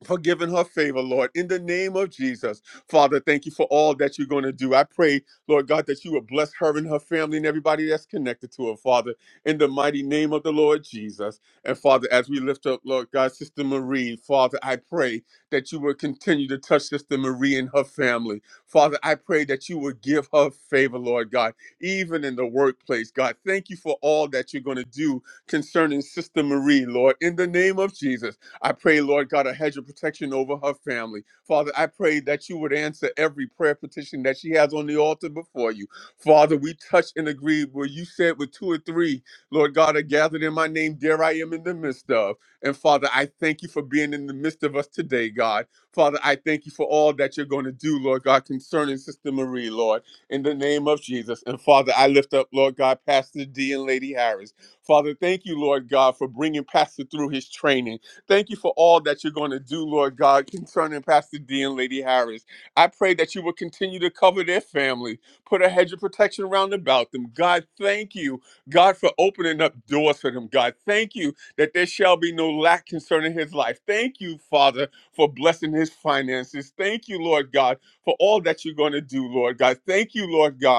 S1: forgiving her favor, Lord, in the name of Jesus. Father, thank you for all that you're going to do. I pray, Lord God, that you will bless her and her family and everybody that's connected to her, Father, in the mighty name of the Lord Jesus. And Father, as we lift up, Lord God, Sister Marie, Father, I pray that you will continue to touch Sister Marie and her family. Father, I pray that you will give her favor, Lord God, even in the workplace. God, thank you for all that you're going to do concerning Sister Marie, Lord, in the name of Jesus. I pray, Lord God, a hedge of protection over her family. Father, I pray that you would answer every prayer petition that she has on the altar before you. Father, we touch and agree where you said with two or three, Lord God, are gathered in my name, there I am in the midst of. And Father, I thank you for being in the midst of us today, God. Father, I thank you for all that you're going to do, Lord God, concerning Sister Marie, Lord, in the name of Jesus. And Father, I lift up, Lord God, Pastor D and Lady Harris. Father, thank you, Lord God, for bringing Pastor through his training. Thank you for all that you're going to do, Lord God, concerning Pastor D and Lady Harris. I pray that you will continue to cover their family, put a hedge of protection around about them. God, thank you, God, for opening up doors for them. God, thank you that there shall be no lack concerning his life. Thank you, Father, for blessing his finances. Thank you, Lord God, for all that you're going to do, Lord God. Thank you, Lord God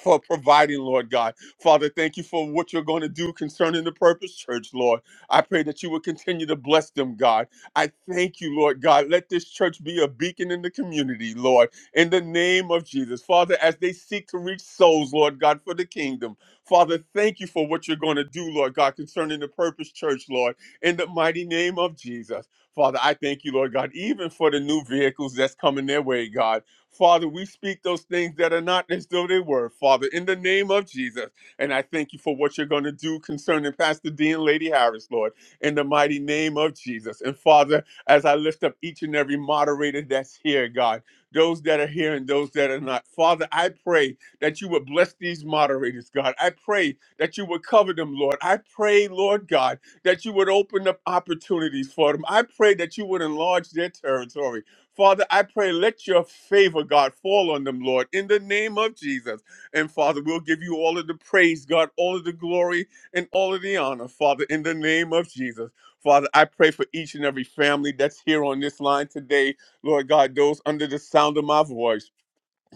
S1: for providing, Lord God. Father, thank you for what you're going to do concerning the Purpose Church, Lord. I pray that you will continue to bless them, God. I thank you, Lord God. Let this church be a beacon in the community, Lord, in the name of Jesus. Father, as they seek to reach souls, Lord God, for the kingdom. Father, thank you for what you're going to do, Lord God, concerning the Purpose Church, Lord, in the mighty name of Jesus. Father, I thank you, Lord God, even for the new vehicles that's coming their way, God. Father, we speak those things that are not as though they were, Father, in the name of Jesus. And I thank you for what you're going to do concerning Pastor Dean, Lady Harris, Lord, in the mighty name of Jesus. And Father, as I lift up each and every moderator that's here, God, those that are here and those that are not, Father, I pray that you would bless these moderators, God. I pray that you would cover them, Lord. I pray, Lord God, that you would open up opportunities for them. I pray that you would enlarge their territory. Father, I pray, let your favor, God, fall on them, Lord, in the name of Jesus. And Father, we'll give you all of the praise, God, all of the glory, and all of the honor, Father, in the name of Jesus. Father, I pray for each and every family that's here on this line today, Lord God, those under the sound of my voice.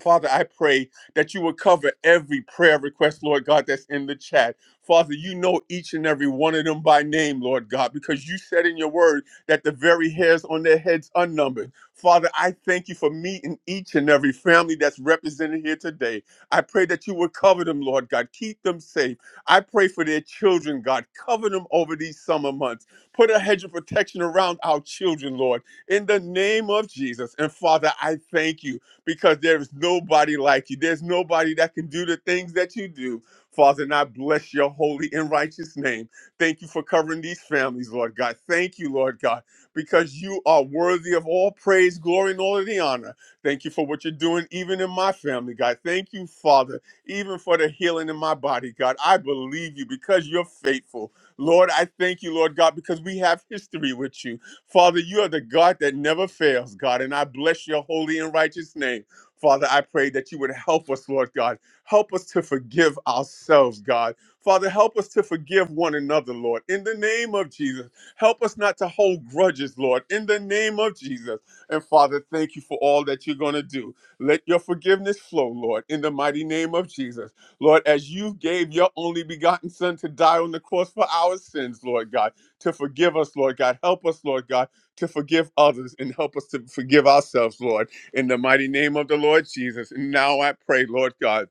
S1: Father, I pray that you will cover every prayer request, Lord God, that's in the chat. Father, you know each and every one of them by name, Lord God, because you said in your word that the very hairs on their heads are numbered. Father, I thank you for meeting each and every family that's represented here today. I pray that you will cover them, Lord God. Keep them safe. I pray for their children, God. Cover them over these summer months. Put a hedge of protection around our children, Lord, in the name of Jesus. And Father, I thank you because there is nobody like you. There's nobody that can do the things that you do. Father, and I bless your holy and righteous name. Thank you for covering these families, Lord God. Thank you, Lord God, because you are worthy of all praise, glory, and all of the honor. Thank you for what you're doing, even in my family, God. Thank you, Father, even for the healing in my body, God. I believe you because you're faithful. Lord, I thank you, Lord God, because we have history with you. Father, you are the God that never fails, God, and I bless your holy and righteous name. Father, I pray that you would help us, Lord God. Help us to forgive ourselves, God. Father, help us to forgive one another, Lord. In the name of Jesus, help us not to hold grudges, Lord. In the name of Jesus. And Father, thank you for all that you're going to do. Let your forgiveness flow, Lord, in the mighty name of Jesus. Lord, as you gave your only begotten Son to die on the cross for our sins, Lord God to forgive us, Lord God. Help us, Lord God, to forgive others and help us to forgive ourselves, Lord, in the mighty name of the Lord Jesus. And now I pray, Lord God.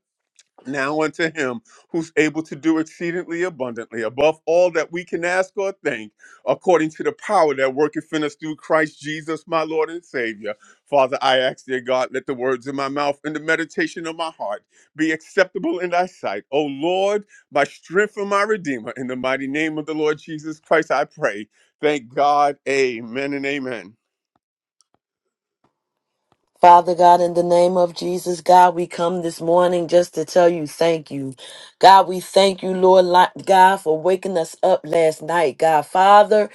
S1: Now unto him who's able to do exceedingly abundantly above all that we can ask or think, according to the power that worketh in us through Christ Jesus, my Lord and Savior. Father, I ask, dear God, let the words of my mouth and the meditation of my heart be acceptable in thy sight. O Lord, my strength and my redeemer, in the mighty name of the Lord Jesus Christ, I pray. Thank God. Amen and amen.
S7: Father God, in the name of Jesus, God, we come this morning just to tell you thank you. God, we thank you, Lord li- God, for waking us up last night, God. Father,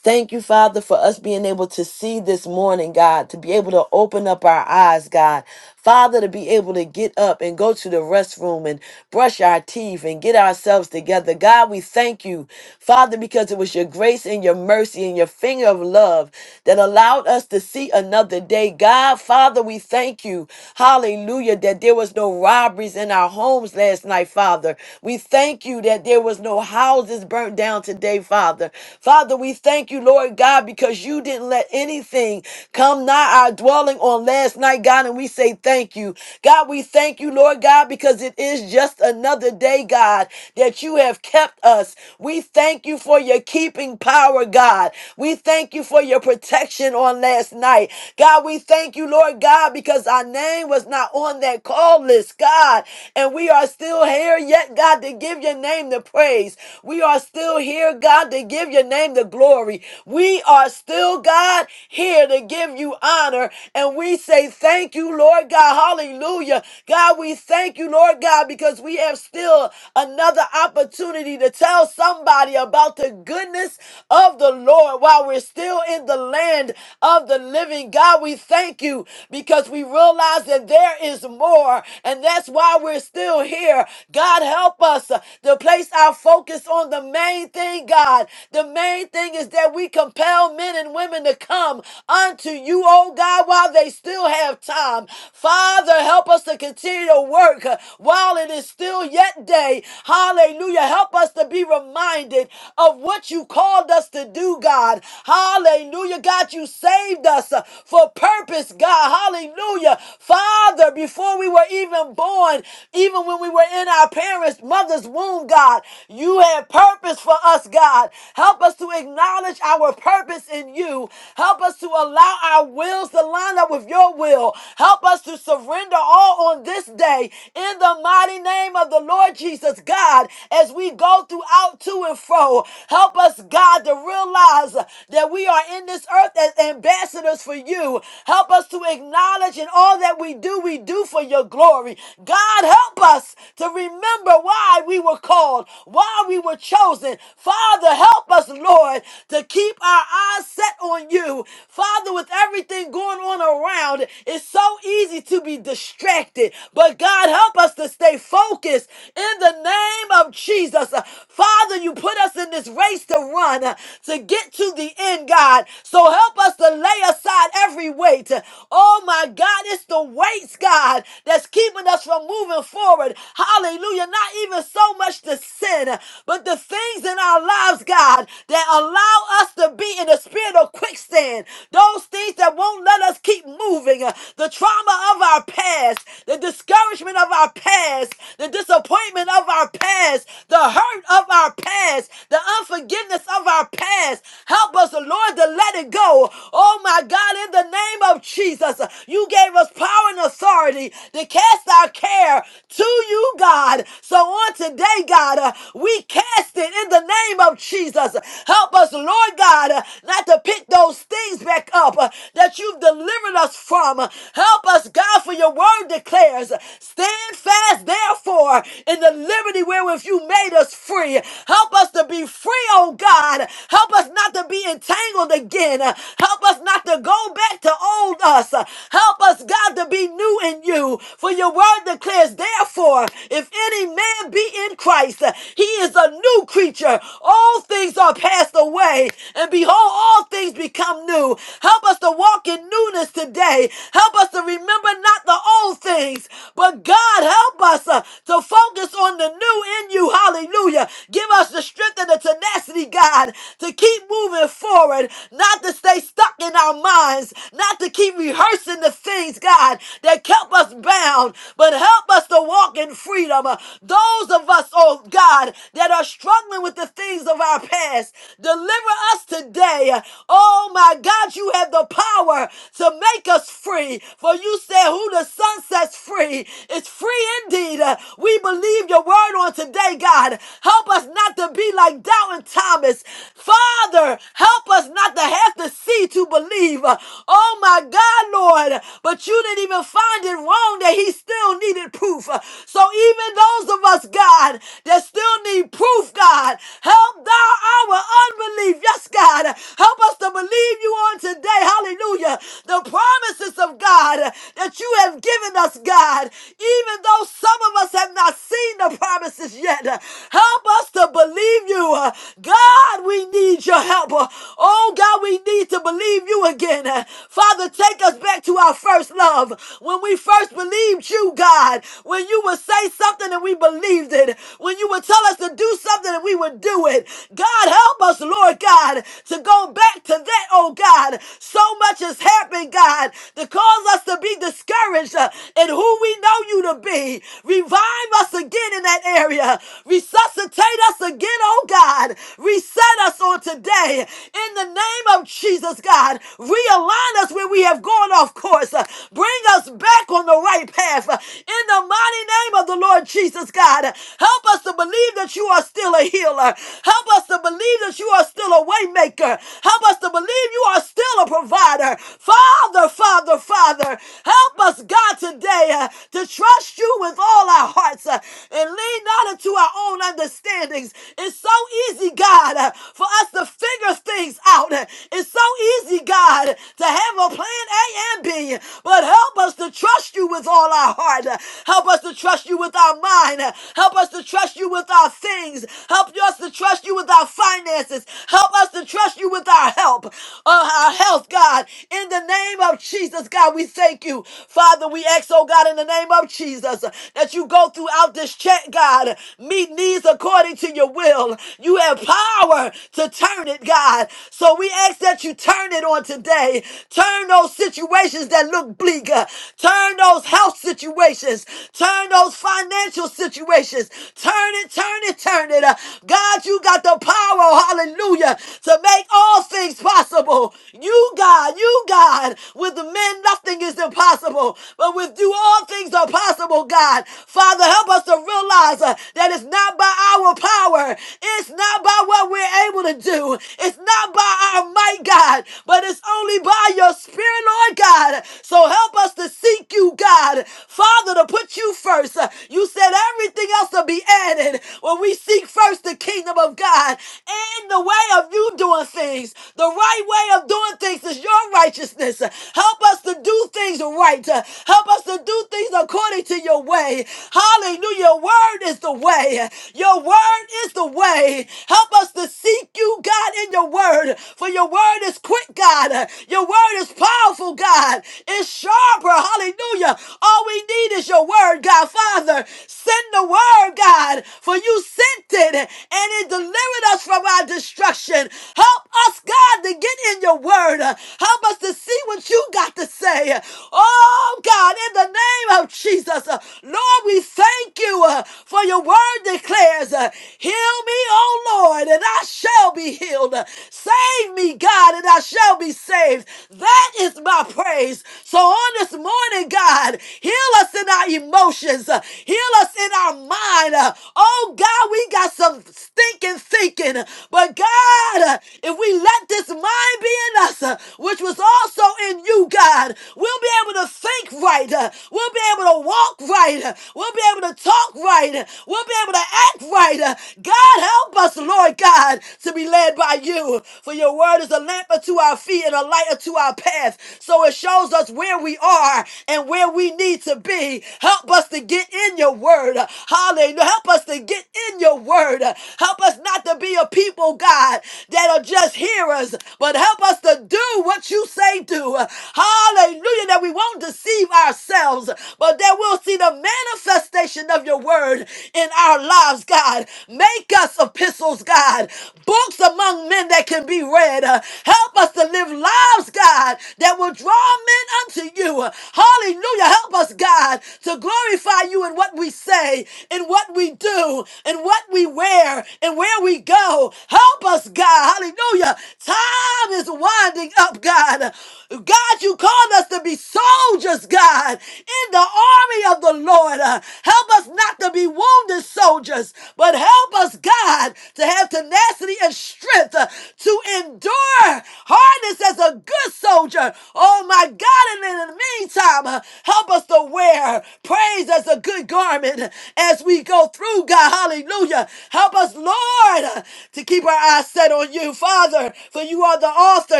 S7: Thank you, Father, for us being able to see this morning, God, to be able to open up our eyes, God. Father, to be able to get up and go to the restroom and brush our teeth and get ourselves together. God, we thank you, Father, because it was your grace and your mercy and your finger of love that allowed us to see another day. God, Father, we thank you, hallelujah, that there was no robberies in our homes last night last night, Father. We thank you that there was no houses burnt down today, Father. Father, we thank you, Lord God, because you didn't let anything come nigh our dwelling on last night, God, and we say thank you. God, we thank you, Lord God, because it is just another day, God, that you have kept us. We thank you for your keeping power, God. We thank you for your protection on last night. God, we thank you, Lord God, because our name was not on that call list, God. And we and we are still here yet, God, to give your name the praise. We are still here, God, to give your name the glory. We are still, God, here to give you honor. And we say thank you, Lord God. Hallelujah. God, we thank you, Lord God, because we have still another opportunity to tell somebody about the goodness of the Lord while we're still in the land of the living. God, we thank you because we realize that there is more. And that's why while we're still here. God, help us uh, to place our focus on the main thing, God. The main thing is that we compel men and women to come unto you, oh God, while they still have time. Father, help us to continue to work uh, while it is still yet day. Hallelujah. Help us to be reminded of what you called us to do, God. Hallelujah. God, you saved us uh, for purpose, God. Hallelujah. Father, before we were even even born, even when we were in our parents' mother's womb, God. You had purpose for us, God. Help us to acknowledge our purpose in you. Help us to allow our wills to line up with your will. Help us to surrender all on this day in the mighty name of the Lord Jesus, God, as we go throughout to and fro. Help us, God, to realize that we are in this earth as ambassadors for you. Help us to acknowledge in all that we do, we do for for your glory. God, help us to remember why we were called, why we were chosen. Father, help us, Lord, to keep our eyes set on you. Father, with everything going on around, it's so easy to be distracted. But God, help us to stay focused in the name of Jesus. Uh, Father, you put us in this race to run, uh, to get to the end, God. So help us to lay aside every weight. Oh my God, it's the weight gates, God, that's keeping us from moving forward. Hallelujah. Not even so much the sin, but the things in our lives, God, that allow us to be in the spirit of quicksand. Those things that won't let us keep moving. The trauma of our past, the discouragement of our past, the disappointment of our past, the hurt of our past, the unforgiveness of our past. Help us, Lord, to let it go. Oh my God, in the name of Jesus, you gave us us power and authority to cast our care to you, God. So on today, God, uh, we cast it in the name of Jesus. Help us, Lord God, uh, not to pick those things back up uh, that you've delivered us from. Help us, God, for your word declares, stand fast, therefore for in the liberty wherewith you made us free. Help us to be free, oh God. Help us not to be entangled again. Help us not to go back to old us. Help us, God, to be new in you. For your word declares, therefore, if any man be in Christ, he is a new creature. All things are passed away, and behold, all things become new. Help us to walk in newness today. Help us to remember not the old things, but God, help us uh, to focus on the new in you. Hallelujah. Give us the strength and the tenacity, God, to keep moving forward, not to stay stuck in our minds, not to keep rehearsing the things, God, that kept us bound, but help us to walk in freedom. Uh, Those of us, oh God, that are struggling with the things of our past, deliver us today. Uh, Oh my God, you have the power to make us free. For you said, said, Who the Son sets free is free indeed. Uh, We believe your word on today, God. Help us not to be like doubting Thomas. Father, help us not to have to see to believe. Uh, Oh my God, Lord. But you didn't even find it wrong that he still needed proof. Uh, So even those of us, God, that still need proof, God, help thou our unbelief. Yes, God. Help us to believe you on today. Hallelujah. The the promises of God that you have given us, God, even though some of us have not seen the promises yet. Help us to believe you. God, we need your help. Oh, God, we need to believe you again. Father, take us back to our first love. When we first believed you, God, when you would say something and we believed it, when you would tell us to do something and we would do it. God, help us, Lord God, to go back to that, oh God. God. So much has happened, God, to cause us to be discouraged uh, in who we know you to be. Revive us again in that area. Resuscitate us again, oh God. Reset us on today. In the name of Jesus, God, realign us where we have gone off course. Uh, Bring us back on the right path. Uh, In the mighty name of the Lord Jesus, God, help us to believe that you are still a healer. Help us to believe that you are still a waymaker provider. Help us to believe you are still a provider. Father, Father, Father, help us, God, today uh, to trust you with all our hearts uh, and lean not into our own understandings. It's so easy, God, uh, for us to figure things out. It's so easy, God, to have a plan A and B, but help us to trust you with all our heart. Help us to trust you with our mind. Help us to trust you with our things. Help us to trust you with our finances finances. Help us to trust you with our help, uh, our health, God. In the name of Jesus, God, we thank you. Father, we ask, oh God, in the name of Jesus, that you go throughout this check, God, meet needs according to your will. You have power to turn it, God. So we ask that you turn it on today. Turn those situations that look bleak. uh, Turn those health situations. Turn those financial situations. Turn it, turn it, turn it. God, you got the power, hallelujah, to make all things possible. You, God, you, God, with the men, nothing is impossible, but with you, all things are possible, God. Father, help us to realize uh, that it's not by our power, it's not by what we're able to do, it's not by our might, God, but it's only by your spirit, Lord God. So help us to seek you, God. Father, to put you first. Uh, You said everything else about be added. When we seek first the kingdom of God and the way of you doing things, the right way of doing things is your righteousness. Help us to do things right. Help us to do things according to your way. Hallelujah. Your word is the way. Your word is the way. Help us to seek you, God, in your word. For your word is quick, God. Your word is powerful, God. It's sharper. Hallelujah. All we need is your word, God. Father, send the word, God, for you sent it and it delivered us from our destruction. Help us, God, to get in your word. Help us to see what you got to say. Oh, God, in the name of Jesus, uh, Lord, we thank you uh, for your word declares, uh, Heal me, oh Lord, and I shall be healed. Save me, God, and I shall be saved. That is my praise. So on this morning, God, Heal us in our emotions. Uh, Heal us in our mind. Uh, Oh God, we got some stinking thinking. But God, uh, if we let this mind be in us, uh, which was also in you, God, we'll be able to think right. Uh, We'll be able to walk right. Uh, We'll be able to talk right. Uh, We'll be able to act right. Uh, God, help us, Lord God, to be led by you. For your word is a lamp unto our feet and a light unto our path. So it shows us where we we are and where we need to be. Help us to get in your word. Hallelujah. Help us to get in your word. Help us not to be a people, God, that are just hearers, but help us to do what you say do. Hallelujah. That we won't deceive ourselves, but that we'll see the manifestation of your word in our lives, God. Make us epistles, God, books among men that can be read. Uh, Help us to live lives, God, that will draw men unto you. Hallelujah. Help us, God, to glorify you in what we say, in what we do, in what we wear, and where we go. Help us, God. Hallelujah. Time is winding up, God. God, you called us to be soldiers, God, in the army of the Lord. Uh, Help us not to be wounded soldiers, but help us, God, to have tenacity and strength uh, to endure harnessed as a good soldier. Oh my God. And in the meantime, uh, help us to wear praise as a good garment as we go through, God. Hallelujah. Help us, Lord, uh, to keep our eyes set on you, Father, for you are the author,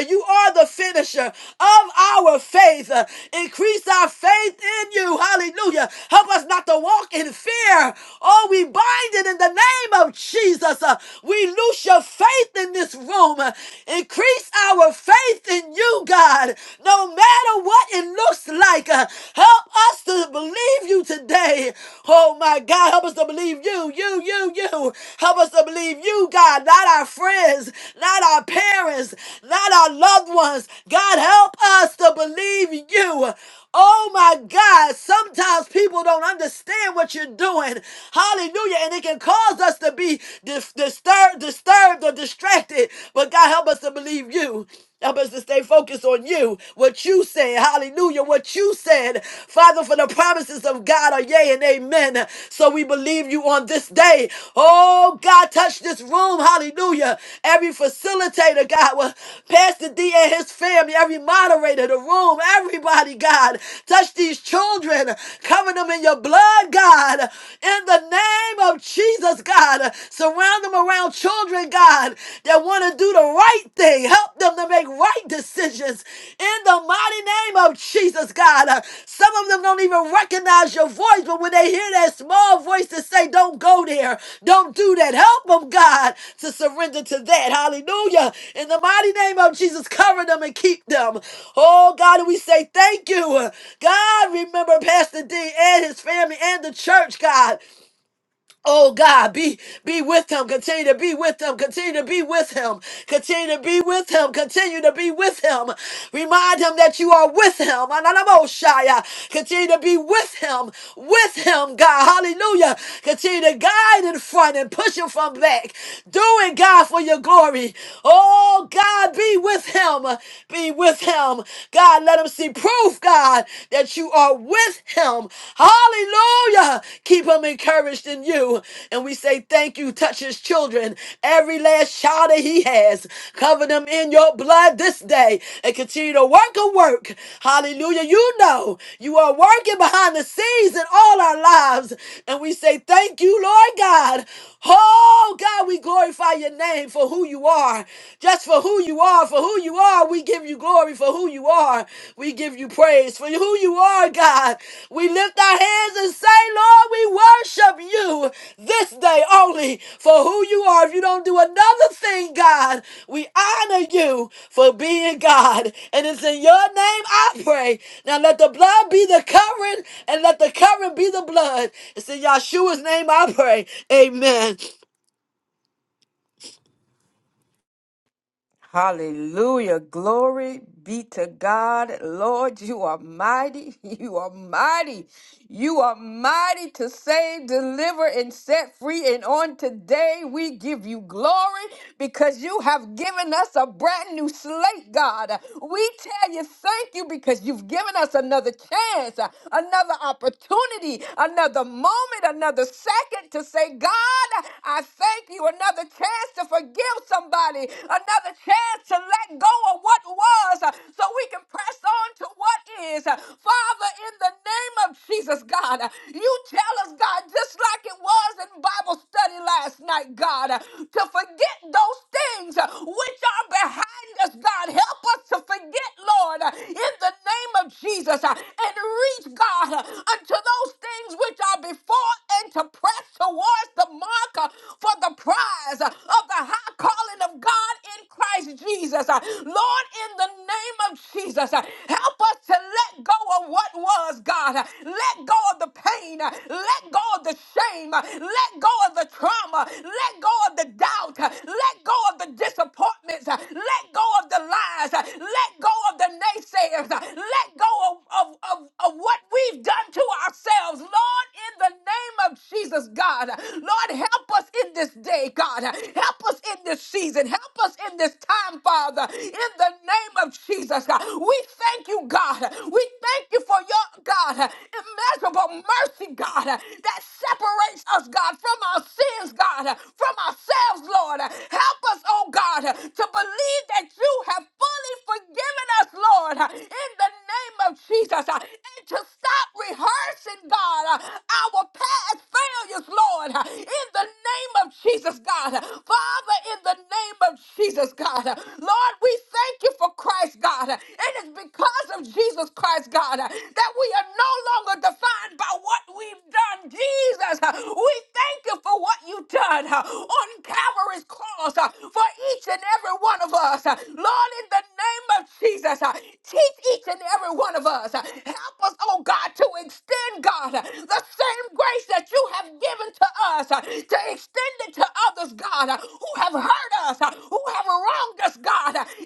S7: you are the finisher of our faith. Uh, Increase our faith in you. Hallelujah. Help us not to walk in fear. Oh, we bind it in the name of Jesus. Uh, We loose your faith in this room room. Increase our faith in you, God, no matter what it looks like. Uh, Help us to believe you today. Oh my God, help us to believe you, you, you, you. Help us to believe you, God, not our friends, not our parents, not our loved ones. God, help us to believe you. Oh my God, sometimes people don't understand what you're doing. Hallelujah. And it can cause us to be dis- disturbed, disturbed or distracted. But God help us to believe you. Help us to stay focused on you, what you said. Hallelujah. What you said. Father, for the promises of God are yea and amen. So we believe you on this day. Oh, Oh, God, touch this room. Hallelujah. Every facilitator, God, well, Pastor D and his family, every moderator, the room, everybody, God, touch these children. Cover them in your blood, God. In the name of Jesus, God, surround them around children, God, that want to do the right thing. Help them to make right decisions in the mighty name of Jesus, God. Uh, Some of them don't even recognize your voice, but when they hear that small voice to say, don't go there, don't do that, help them, God, to surrender to that. Hallelujah. In the mighty name of Jesus, cover them and keep them. Oh, God, and we say thank you. God, remember Pastor D and his family and the church, God. Oh God, be be with him. Continue to be with him. Continue to be with him. Continue to be with him. Continue to be with him. Remind him that you are with him. Ananamoshaya. Continue to be with him. With him, God. Hallelujah. Continue to guide in front and push him from back. Do it, God, for your glory. Oh God, be with him. Be with him. God, let him see proof, God, that that you are with him. Hallelujah. Keep him encouraged in you. And we say thank you. Touch his children. Every last child that he has. Cover them in your blood this day and continue to work a work. Hallelujah. You know you are working behind the scenes in all our lives. And we say thank you, Lord God. Oh God, we glorify your name for who you are. Just for who you are Lord, for who you are, we give you glory. For who you are, we give you praise. For who you are, God, we lift our hands and say, Lord, we worship you this day only for who you are. If you don't do another thing, God, we honor you for being God. And it's in your name I pray. Now let the blood be the covering and let the covering be the blood. It's in Yahshua's name I pray. Amen.
S2: Hallelujah. Glory be to God. Lord, you are mighty. You are mighty. You are mighty to save, deliver, and set free. And on today, we give you glory because you have given us a brand new slate, God. We tell you thank you because you've given us another chance, uh, another opportunity, another moment, another second to say, God, I thank you. Another chance to forgive somebody, another chance to let go of what was uh, so we can press on to what is. Uh, Father, in the name of Jesus, God. You tell us, God, just like it was in Bible study last night, God, to forget those things which are behind us, God. Help us to forget, Lord, in the name of Jesus, and reach, God, unto those things which are before and to press towards the mark for the prize of the high calling of God in Christ Jesus. Lord, in the name of Jesus, help us to let go of what was, God. Let go of the pain. Let go of the shame. Let go of the trauma. Let go of the doubt. Let go of the disappointments. Let go of the lies. Let go of the naysayers. Let go of, of, of of what we've done to ourselves. Lord, in the name of Jesus, God. Lord, help us in this day, God. Help us in this season. Help us in this time, Father. In the name of Jesus, God. We thank you, God. We thank you for your, God, immeasurable mercy, God, that separates us, God, from our sins, God, from ourselves, Lord. Help us, oh God, to believe that you have fully forgiven us, Lord, in the name of Jesus, and to stop rehearsing, God, our past failures, Lord, in the name of Jesus, God. Father, in the name of Jesus, God. Lord, we thank you for Christ. Christ, God. It is because of Jesus Christ, God, that we are no longer defined by what we've done. Jesus, we thank you for what you've done on Calvary's cross for each and every one of us. Lord, in the name of Jesus, teach each and every one of us. Help us, oh God, to extend, God, the same grace that you have given to us, to extend it to others, God, who have hurt us, who have wronged us, God. God, in the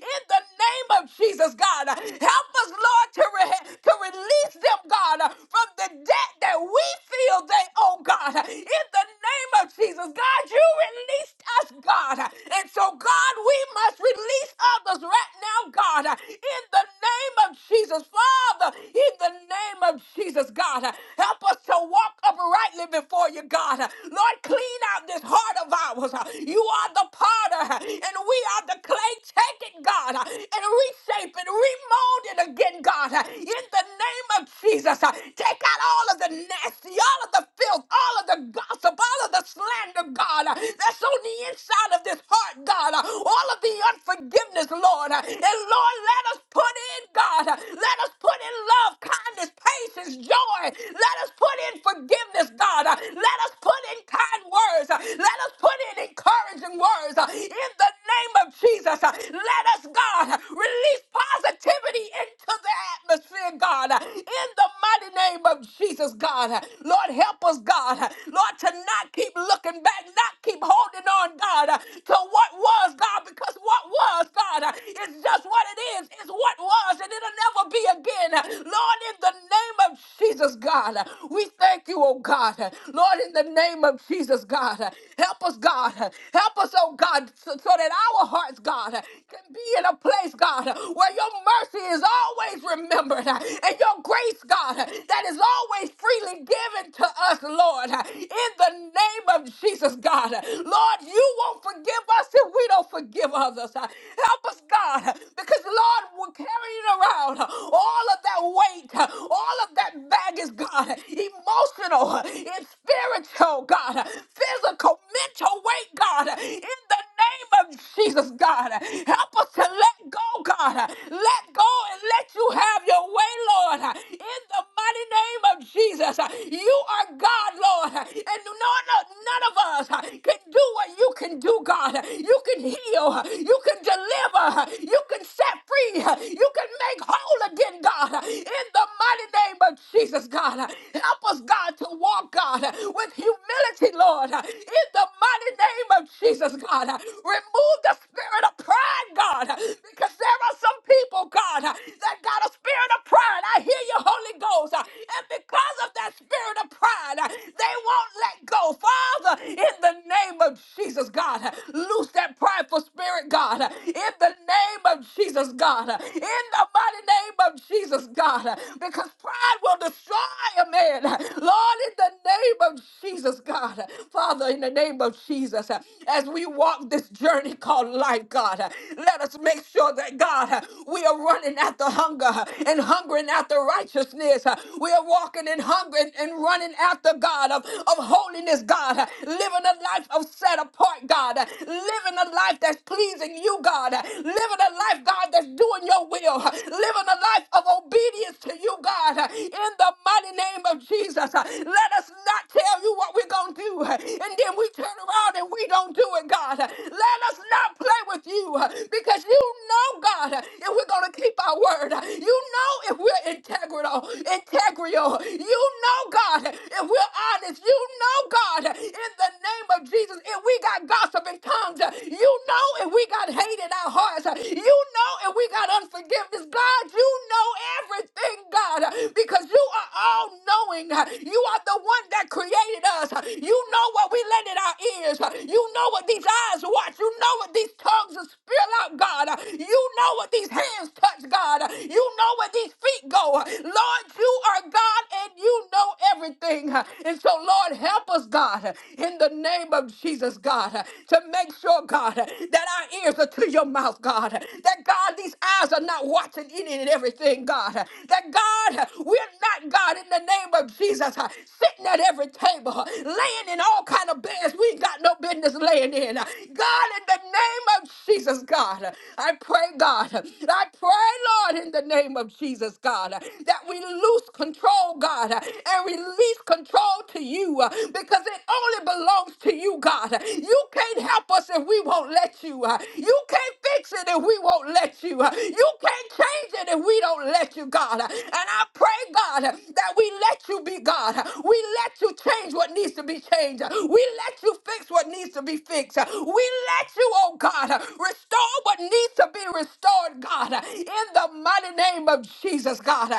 S2: name of Jesus, God. Help us, Lord, to, re- to release them, God, from the debt that we feel they owe, God. In the name of Jesus, God, you released us, God. And so, God, we must release others right now, God, in the name of Jesus, Father, in the name of Jesus, God. Help us to walk uprightly before you, God. Lord, clean out this heart of ours. You are the potter, and we are the clay. Take it, God, uh, and reshape it, remold it again, God, uh, in the name of Jesus. uh, Take out all of the nasty, all of the filth, all of the gossip, all of the slander, God, uh, that's on the inside of this heart, God, uh, all of the unforgiveness, Lord. uh, And Lord, let us put in, God, uh, let us put in love, kindness, patience, joy. Let us put in forgiveness, God. uh, Let us put in kind words. uh, Let us put in encouraging encouraging words uh, in the name of Jesus. Uh, Let us, God, release positivity into the atmosphere, God, uh, in the mighty name of Jesus, God. Uh, Lord, help us, God. Uh, Lord, to not keep looking back, not keep holding on, God, uh, to what was, God, because what was, God, uh, is just what it is. It's what was, and it'll never be again. Uh, Lord, in the name of Jesus, God, uh, we thank you, oh God. Uh, Lord, in the name of Jesus, God, uh, help Help us, God. Help us, oh God, so, so that our hearts, God, can be in a place, God, where your mercy is always remembered and your grace, God, that is always freely given to us, Lord, in the name of Jesus, God. Lord, you won't forgive us if we don't forgive others. Help us, God, because, Lord, we're carrying around all of that weight, all of that baggage, God, emotional, it's spiritual, God. God, physical, mental weight, God, in the name of Jesus, God. Help us to let go, God. Let go and let you have your way, Lord. In the mighty name of Jesus, you are God, Lord. And none of, none of us can do what you can do, God. You can heal, you can deliver, you can set free, you can make whole again, God. In the mighty name of Jesus, God. Help us, God, to walk, God. God, with humility, Lord, in the mighty name of Jesus, God. Remove the spirit of pride, God, because there are some people, God, that got a spirit of pride. I hear you, Holy Ghost. And because of that spirit of pride, they won't let go. Father, in the name of Jesus, God, loose that prideful spirit, God, in the name of Jesus, God, in the mighty name of Jesus, God, because pride will destroy a man said. Lord, in the name of Jesus, God, Father, in the name of Jesus, as we walk this journey called life, God, let us make sure that, God, we are running after hunger and hungering after righteousness. We are walking in hunger and and running after God of, of holiness, God, living a life of set apart, God, living a life that's pleasing you, God, living a life, God, that's doing your will, living a life of obedience to you, God, in the mighty name of Jesus. Uh, Let us not tell you what we're going to do, uh, and then we turn around and we don't do it, God. Uh, Let us not play with you uh, because you know, God, uh, if we're going to keep our word, Uh, you know if we're integral, integral. You know, God, uh, if we're honest, you know, God, uh, in the name of Jesus, if we got gossip in tongues, Uh, you know if we got hate in our hearts, Uh, you know if we got unforgiveness, God, you know everything, God, because you are all knowing. You are the one that created us. You know what we lend in our ears. You know what these eyes watch. You know what these tongues will spill out, God. You know what these hands touch, God. You know where these feet go. Lord, you are God and you know everything. And so, Lord, help us, God, in the name of Jesus, God, to make sure, God, that our ears are to your mouth, God, that God, these eyes are not watching any and everything, God, that God, we're not, God, in the name of Jesus, sitting at every table, laying in all kind of beds we ain't got no business laying in. God, in the name of Jesus, God, I pray, God, I pray, Lord, in the name of Jesus, God, that we lose control, God, and release control to you uh, because it only belongs to you, God. You can't help us if we won't let you. uh, You can't fix it if we won't let you. uh, You can't change it if we don't let you, God. And I pray, God, that we let you be God. We let you change what needs to be changed. We let you you fix what needs to be fixed. We let you, oh God, restore what needs to be restored, God, in the mighty name of Jesus, God.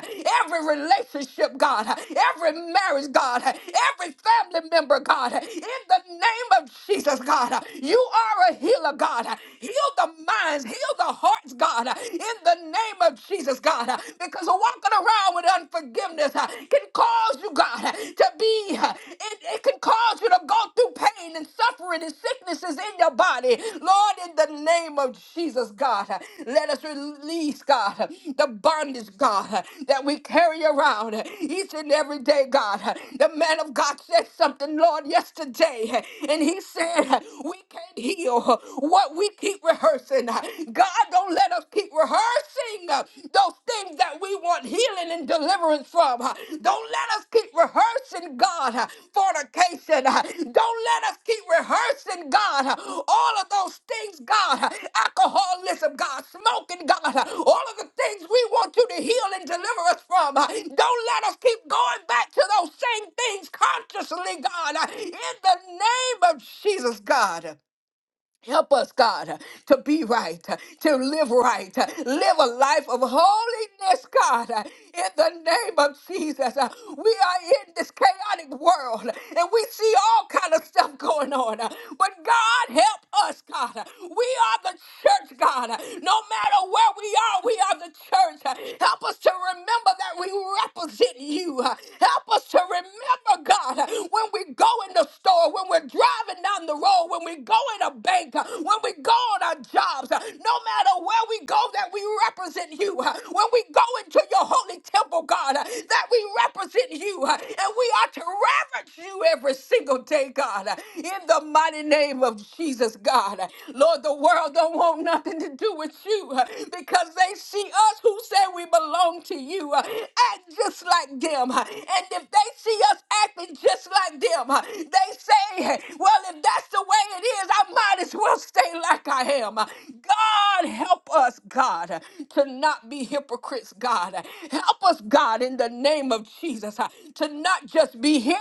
S2: Every relationship, God, every marriage, God, every family member, God, in the name of Jesus, God, you are a healer, God. Heal the minds, heal the hearts, God, in the name of Jesus, God, because walking around with unforgiveness can can cause you, God, to be, it, it can cause you to go through pain and suffering and sicknesses in your body. Lord, in the name of Jesus, God, let us release, God, the bondage, God, that we carry around each and every day, God. The man of God said something, Lord, yesterday, and he said, We can't heal what we keep rehearsing. God, don't let us keep rehearsing rehearsing uh, those things that we want healing and deliverance from. uh. Don't let us keep rehearsing, God, uh, fornication. uh. Don't let us keep rehearsing, God, uh, all of those things, God, uh, alcoholism, God, smoking, God, uh, all of the things we want you to heal and deliver us from. uh. Don't let us keep going back to those same things consciously, God, uh, in the name of Jesus, God. Help us, God, to be right, to live right, live a life of holiness, God, in the name of Jesus. We are in this chaotic world and we see all kind of stuff going on. But God, help us, God. We are the church, God. No matter where we are, we are the church. Help us to remember that we represent you. Help us to remember, God, when we go in the store, when we're driving down the road, when we go in a bank, uh, when we go on our jobs, uh, no matter where we go, that we represent you. uh, When we go into your holy temple, God, uh, that we represent you. uh, And we are to reverence you every single day, God, uh, in the mighty name of Jesus, God. Uh, Lord, the world don't want nothing to do with you uh, because they see us who say we belong to you uh, act just like them. uh, And if they see us acting just like them, uh, they say, well, if that's the way it is, I might as well stay like I am. God, help us, God, to not be hypocrites, God. Help us, God, in the name of Jesus, to not just be hearers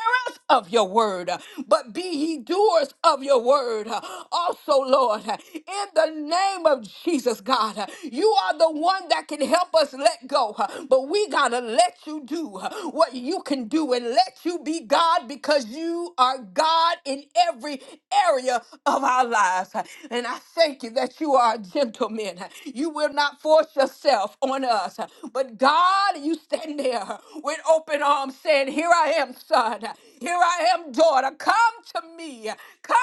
S2: of your word, but be ye doers of your word. Also, Lord, in the name of Jesus, God, you are the one that can help us let go, but we got to let you do what you can do and let let you be God because you are God in every area of our lives. And I thank you that you are a gentleman. You will not force yourself on us. But God, you stand there with open arms saying, Here I am, son. Here I am, daughter. Come to me. Come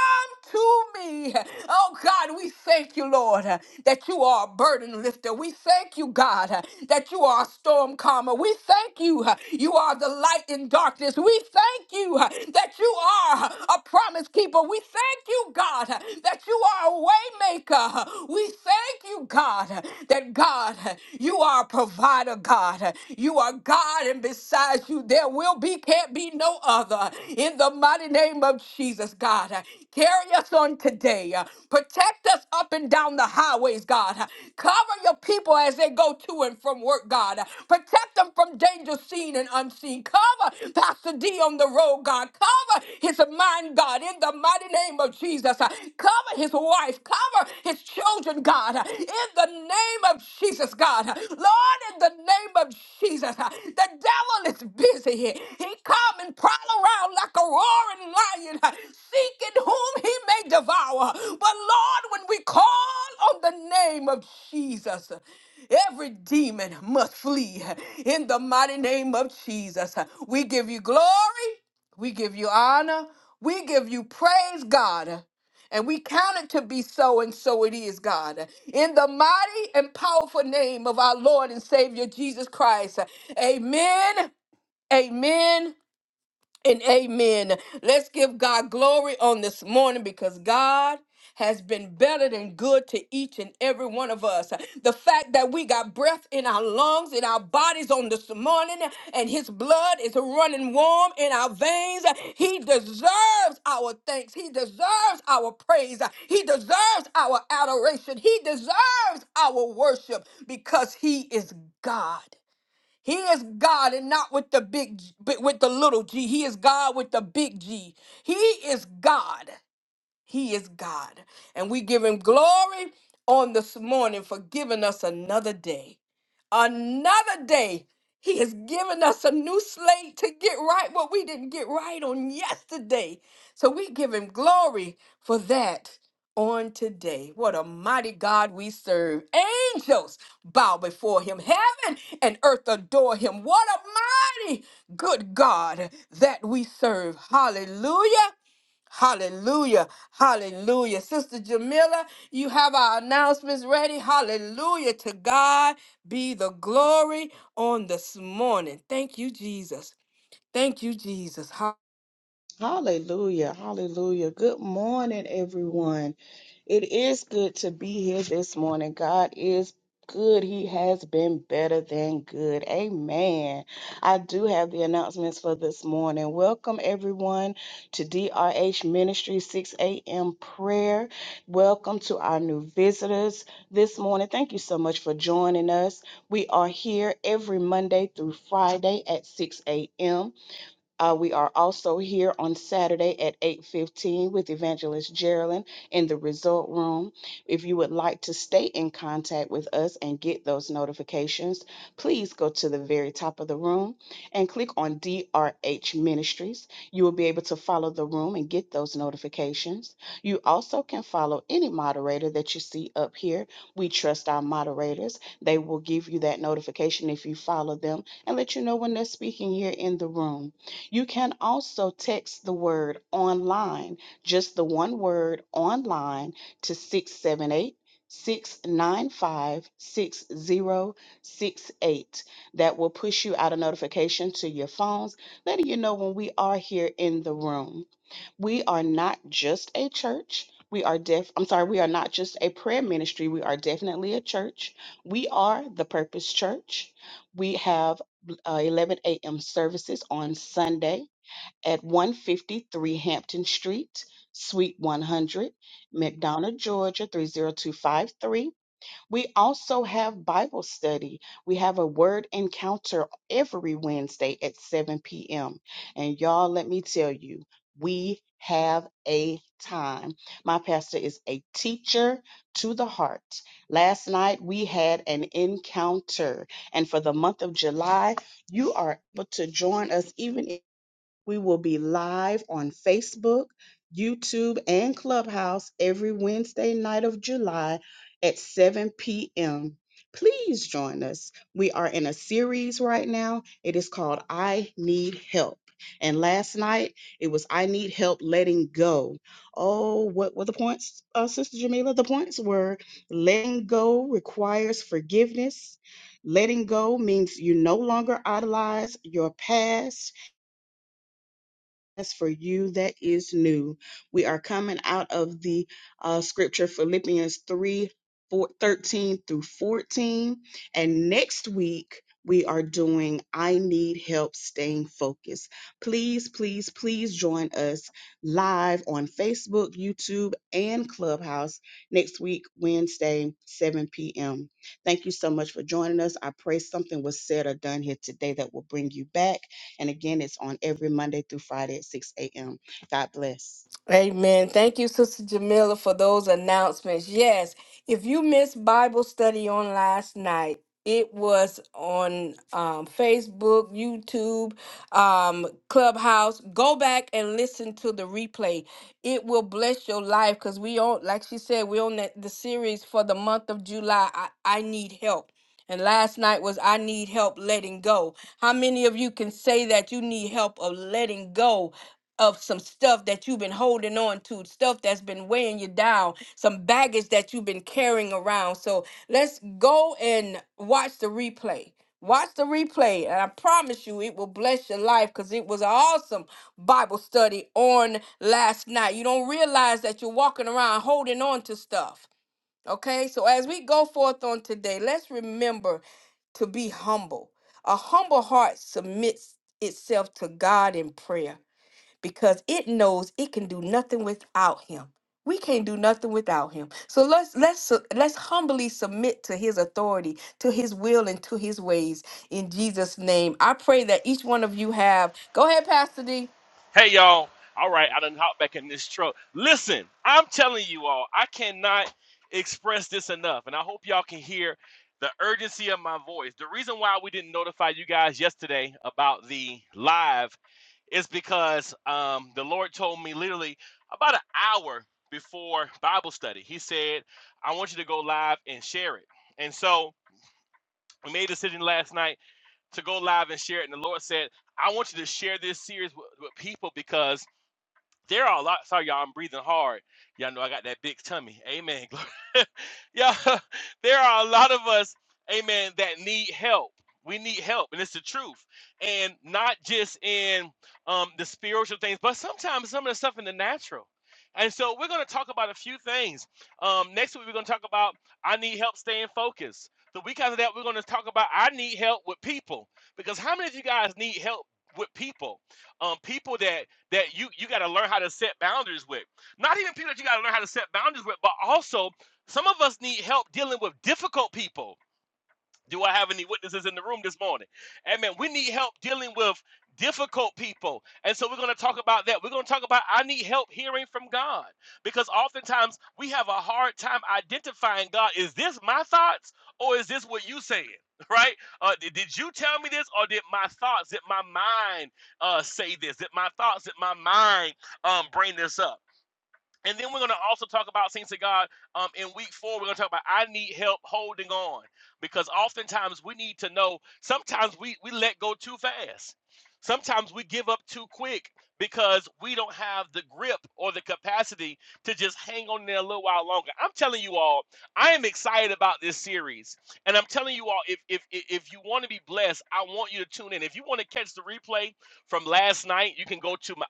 S2: to me. Oh, God, we thank you, Lord, uh, that you are a burden lifter. We thank you, God, uh, that you are a storm calmer. We thank you. uh, You are the light in darkness. We thank you uh, that you are a promise keeper. We thank you, God, uh, that you are a way maker. We thank you, God, that God, you are a provider, God. You are God, and besides you, there will be, can't be no other. In the mighty name of Jesus, God, carry us on today. Protect us up and down the highways, God. Cover your people as they go to and from work, God. Protect them from danger seen and unseen. Cover Pastor D on the road, God. Cover Cover his mind, God, in the mighty name of Jesus. Cover his wife. Cover his children, God, in the name of Jesus, God. Lord, in the name of Jesus, the devil is busy here. He come and prowl around like a roaring lion, seeking whom he may devour. But Lord, when we call on the name of Jesus, Every demon must flee in the mighty name of Jesus. We give you glory. We give you honor. We give you praise, God. And we count it to be so, and so it is, God. In the mighty and powerful name of our Lord and Savior Jesus Christ. Amen. Amen and amen. Let's give God glory on this morning because God has been better than good to each and every one of us. The fact that we got breath in our lungs, in our bodies on this morning, and his blood is running warm in our veins, he deserves our thanks. He deserves our praise. He deserves our adoration. He deserves our worship because he is God. He is God and not with the big G- but with the little G. He is God with the big G. He is God. He is God. And we give him glory on this morning for giving us another day another day. He has given us a new slate to get right what we didn't get right on yesterday. So we give him glory for that on today. What a mighty God we serve. Angels bow before him, heaven and earth adore him. What a mighty good God that we serve. Hallelujah. Hallelujah. Hallelujah. Sister Jamila, you have our announcements ready. Hallelujah. To God be the glory on this morning. Thank you, Jesus. Thank you, Jesus.
S8: Hallelujah. Hallelujah. Good morning, everyone. It is good to be here this morning. God is good. He has been better than good. Amen. I do have the announcements for this morning. Welcome, everyone, to DRH Ministry 6 a.m. prayer. Welcome to our new visitors this morning. Thank you so much for joining us. We are here every Monday through Friday at 6 a.m. Uh, we are also here on Saturday at 8:15 with Evangelist Geraldine in the Result Room. If you would like to stay in contact with us and get those notifications, please go to the very top of the room and click on DRH Ministries. You will be able to follow the room and get those notifications. You also can follow any moderator that you see up here. We trust our moderators. They will give you that notification if you follow them and let you know when they're speaking here in the room. You can also text the word online, just the one word online to six seven eight six nine five six zero six eight. That will push you out a notification to your phones, letting you know when we are here in the room. We are not just a church. We are def I'm sorry, we are not just a prayer ministry. We are definitely a church. We are the Purpose Church. We have uh, 11 a.m. services on Sunday at 153 Hampton Street, Suite 100, McDonough, Georgia 30253. We also have Bible study. We have a word encounter every Wednesday at 7 p.m. And y'all, let me tell you, we have a time. My pastor is a teacher to the heart. Last night we had an encounter, and for the month of July, you are able to join us even we will be live on Facebook, YouTube, and Clubhouse every Wednesday night of July at 7 p.m. Please join us. We are in a series right now. It is called I Need Help. And last night it was I Need Help Letting Go. Oh, what were the points, uh, Sister Jamila? The points were letting go requires forgiveness. Letting go means you no longer idolize your past as for you that is new. We are coming out of the uh, scripture Philippians 3 4, thirteen through 14. And next week, we are doing I Need Help Staying Focused. Please, please, please join us live on Facebook, YouTube, and Clubhouse next week, Wednesday, 7 p.m. Thank you so much for joining us. I pray something was said or done here today that will bring you back and again, it's on every Monday through Friday at 6 a.m. God bless.
S2: Amen. Thank you, Sister Jamila, for those announcements. Yes, if you missed Bible study on last night, it was on um, Facebook, YouTube, um, Clubhouse. Go back and listen to the replay. It will bless your life because we on, like she said, we're on the, the series for the month of July. I, I need help. And last night was I need help letting go. How many of you can say that you need help of letting go? of some stuff that you've been holding on to, stuff that's been weighing you down, some baggage that you've been carrying around. So let's go and watch the replay. Watch the replay, and I promise you it will bless your life because it was an awesome Bible study on last night. You don't realize that you're walking around holding on to stuff. Okay, so as we go forth on today, let's remember to be humble. A humble heart submits itself to God in prayer because it knows it can do nothing without him. We can't do nothing without him. So let's let's su- let's humbly submit to his authority, to his will and to his ways in Jesus name. I pray that each one of you have Go ahead, Pastor D.
S3: Hey, y'all. All right, I done hop back in this truck. Listen, I'm telling you all, I cannot express this enough, and I hope y'all can hear the urgency of my voice. The reason why we didn't notify you guys yesterday about the live is because um, the Lord told me literally about an hour before Bible study. He said, I want you to go live and share it. And so we made a decision last night to go live and share it. And the Lord said, I want you to share this series with, with people because there are a lot. Sorry, y'all, I'm breathing hard. Y'all know I got that big tummy. Amen. Yeah, there are a lot of us, amen, that need help. We need help, and it's the truth. And not just in um, the spiritual things, but sometimes some of the stuff in the natural. And so we're going to talk about a few things. Um, next week, we're going to talk about I need help staying focused. The week after that, we're going to talk about I need help with people. Because how many of you guys need help with people? Um, people that that you you got to learn how to set boundaries with. Not even people that you got to learn how to set boundaries with, but also some of us need help dealing with difficult people. Do I have any witnesses in the room this morning? Amen. We need help dealing with difficult people. And so we're going to talk about that. We're going to talk about I need help hearing from God because oftentimes we have a hard time identifying God. Is this my thoughts or is this what you saying? Right? Uh, did, did you tell me this or did my thoughts, did my mind uh, say this? Did my thoughts, did my mind um, bring this up? And then we're going to also talk about things of God um, in week four. We're going to talk about I need help holding on because oftentimes we need to know. Sometimes we, we let go too fast. Sometimes we give up too quick because we don't have the grip or the capacity to just hang on there a little while longer. I'm telling you all, I am excited about this series. And I'm telling you all, if if if if you want to be blessed, I want you to tune in. If you want to catch the replay from last night, you can go to my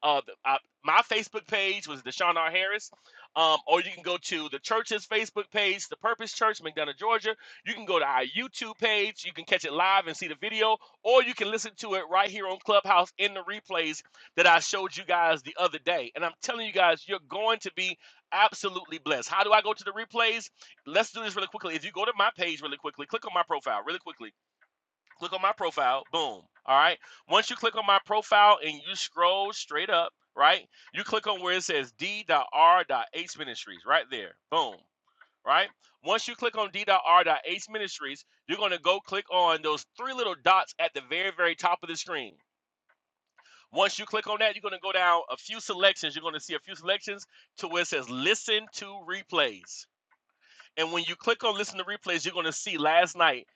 S3: uh, my Facebook page was Deshaun R. Harris. Um, or you can go to the church's Facebook page, The Purpose Church, McDonough, Georgia. You can go to our YouTube page. You can catch it live and see the video, or you can listen to it right here on Clubhouse in the replays that I showed you guys the other day. And I'm telling you guys, you're going to be absolutely blessed. How do I go to the replays? Let's do this really quickly. If you go to my page really quickly, click on my profile really quickly Click on my profile. Boom. All right. Once you click on my profile and you scroll straight up, right? You click on where it says D.R.H Ministries, right there. Boom. Right? Once you click on D.R.H Ministries, you're going to go click on those three little dots at the very, very top of the screen. Once you click on that, you're going to go down a few selections. You're going to see a few selections to where it says listen to replays and when you click on listen to replays, you're going to see last night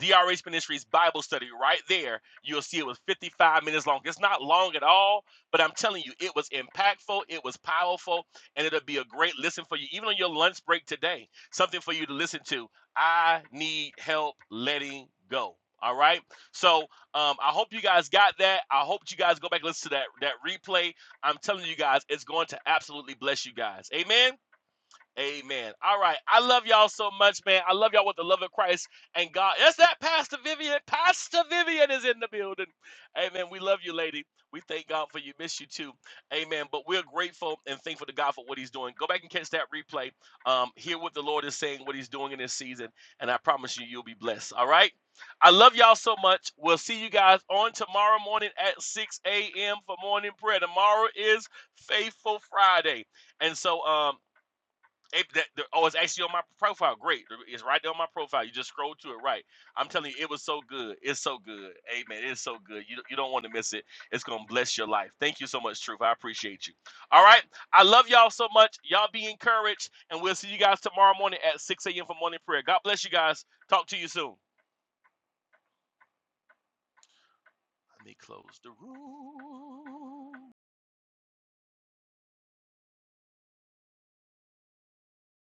S3: DRH Ministries Bible study right there. You'll see it was 55 minutes long. It's not long at all, but I'm telling you, it was impactful, it was powerful, and it'll be a great listen for you, even on your lunch break today. Something for you to listen to. I need help letting go. All right. So um, I hope you guys got that. I hope you guys go back and listen to that that replay. I'm telling you guys, it's going to absolutely bless you guys. Amen. Amen. All right. I love y'all so much, man. I love y'all with the love of Christ and God. That's that Pastor Vivian. Pastor Vivian is in the building. Amen. We love you, lady. We thank God for you. Miss you too. Amen. But we're grateful and thankful to God for what he's doing. Go back and catch that replay. Um, hear what the Lord is saying, what he's doing in this season. And I promise you, you'll be blessed. All right. I love y'all so much. We'll see you guys on tomorrow morning at 6 a.m. for morning prayer. Tomorrow is Faithful Friday. And so um it, that, the, oh, it's actually on my profile. Great, it's right there on my profile. You just scroll to it, right? I'm telling you, it was so good. It's so good. Amen. It's so good. You you don't want to miss it. It's gonna bless your life. Thank you so much, Truth. I appreciate you. All right, I love y'all so much. Y'all be encouraged, and we'll see you guys tomorrow morning at 6 a.m. for morning prayer. God bless you guys. Talk to you soon. Let me close the room.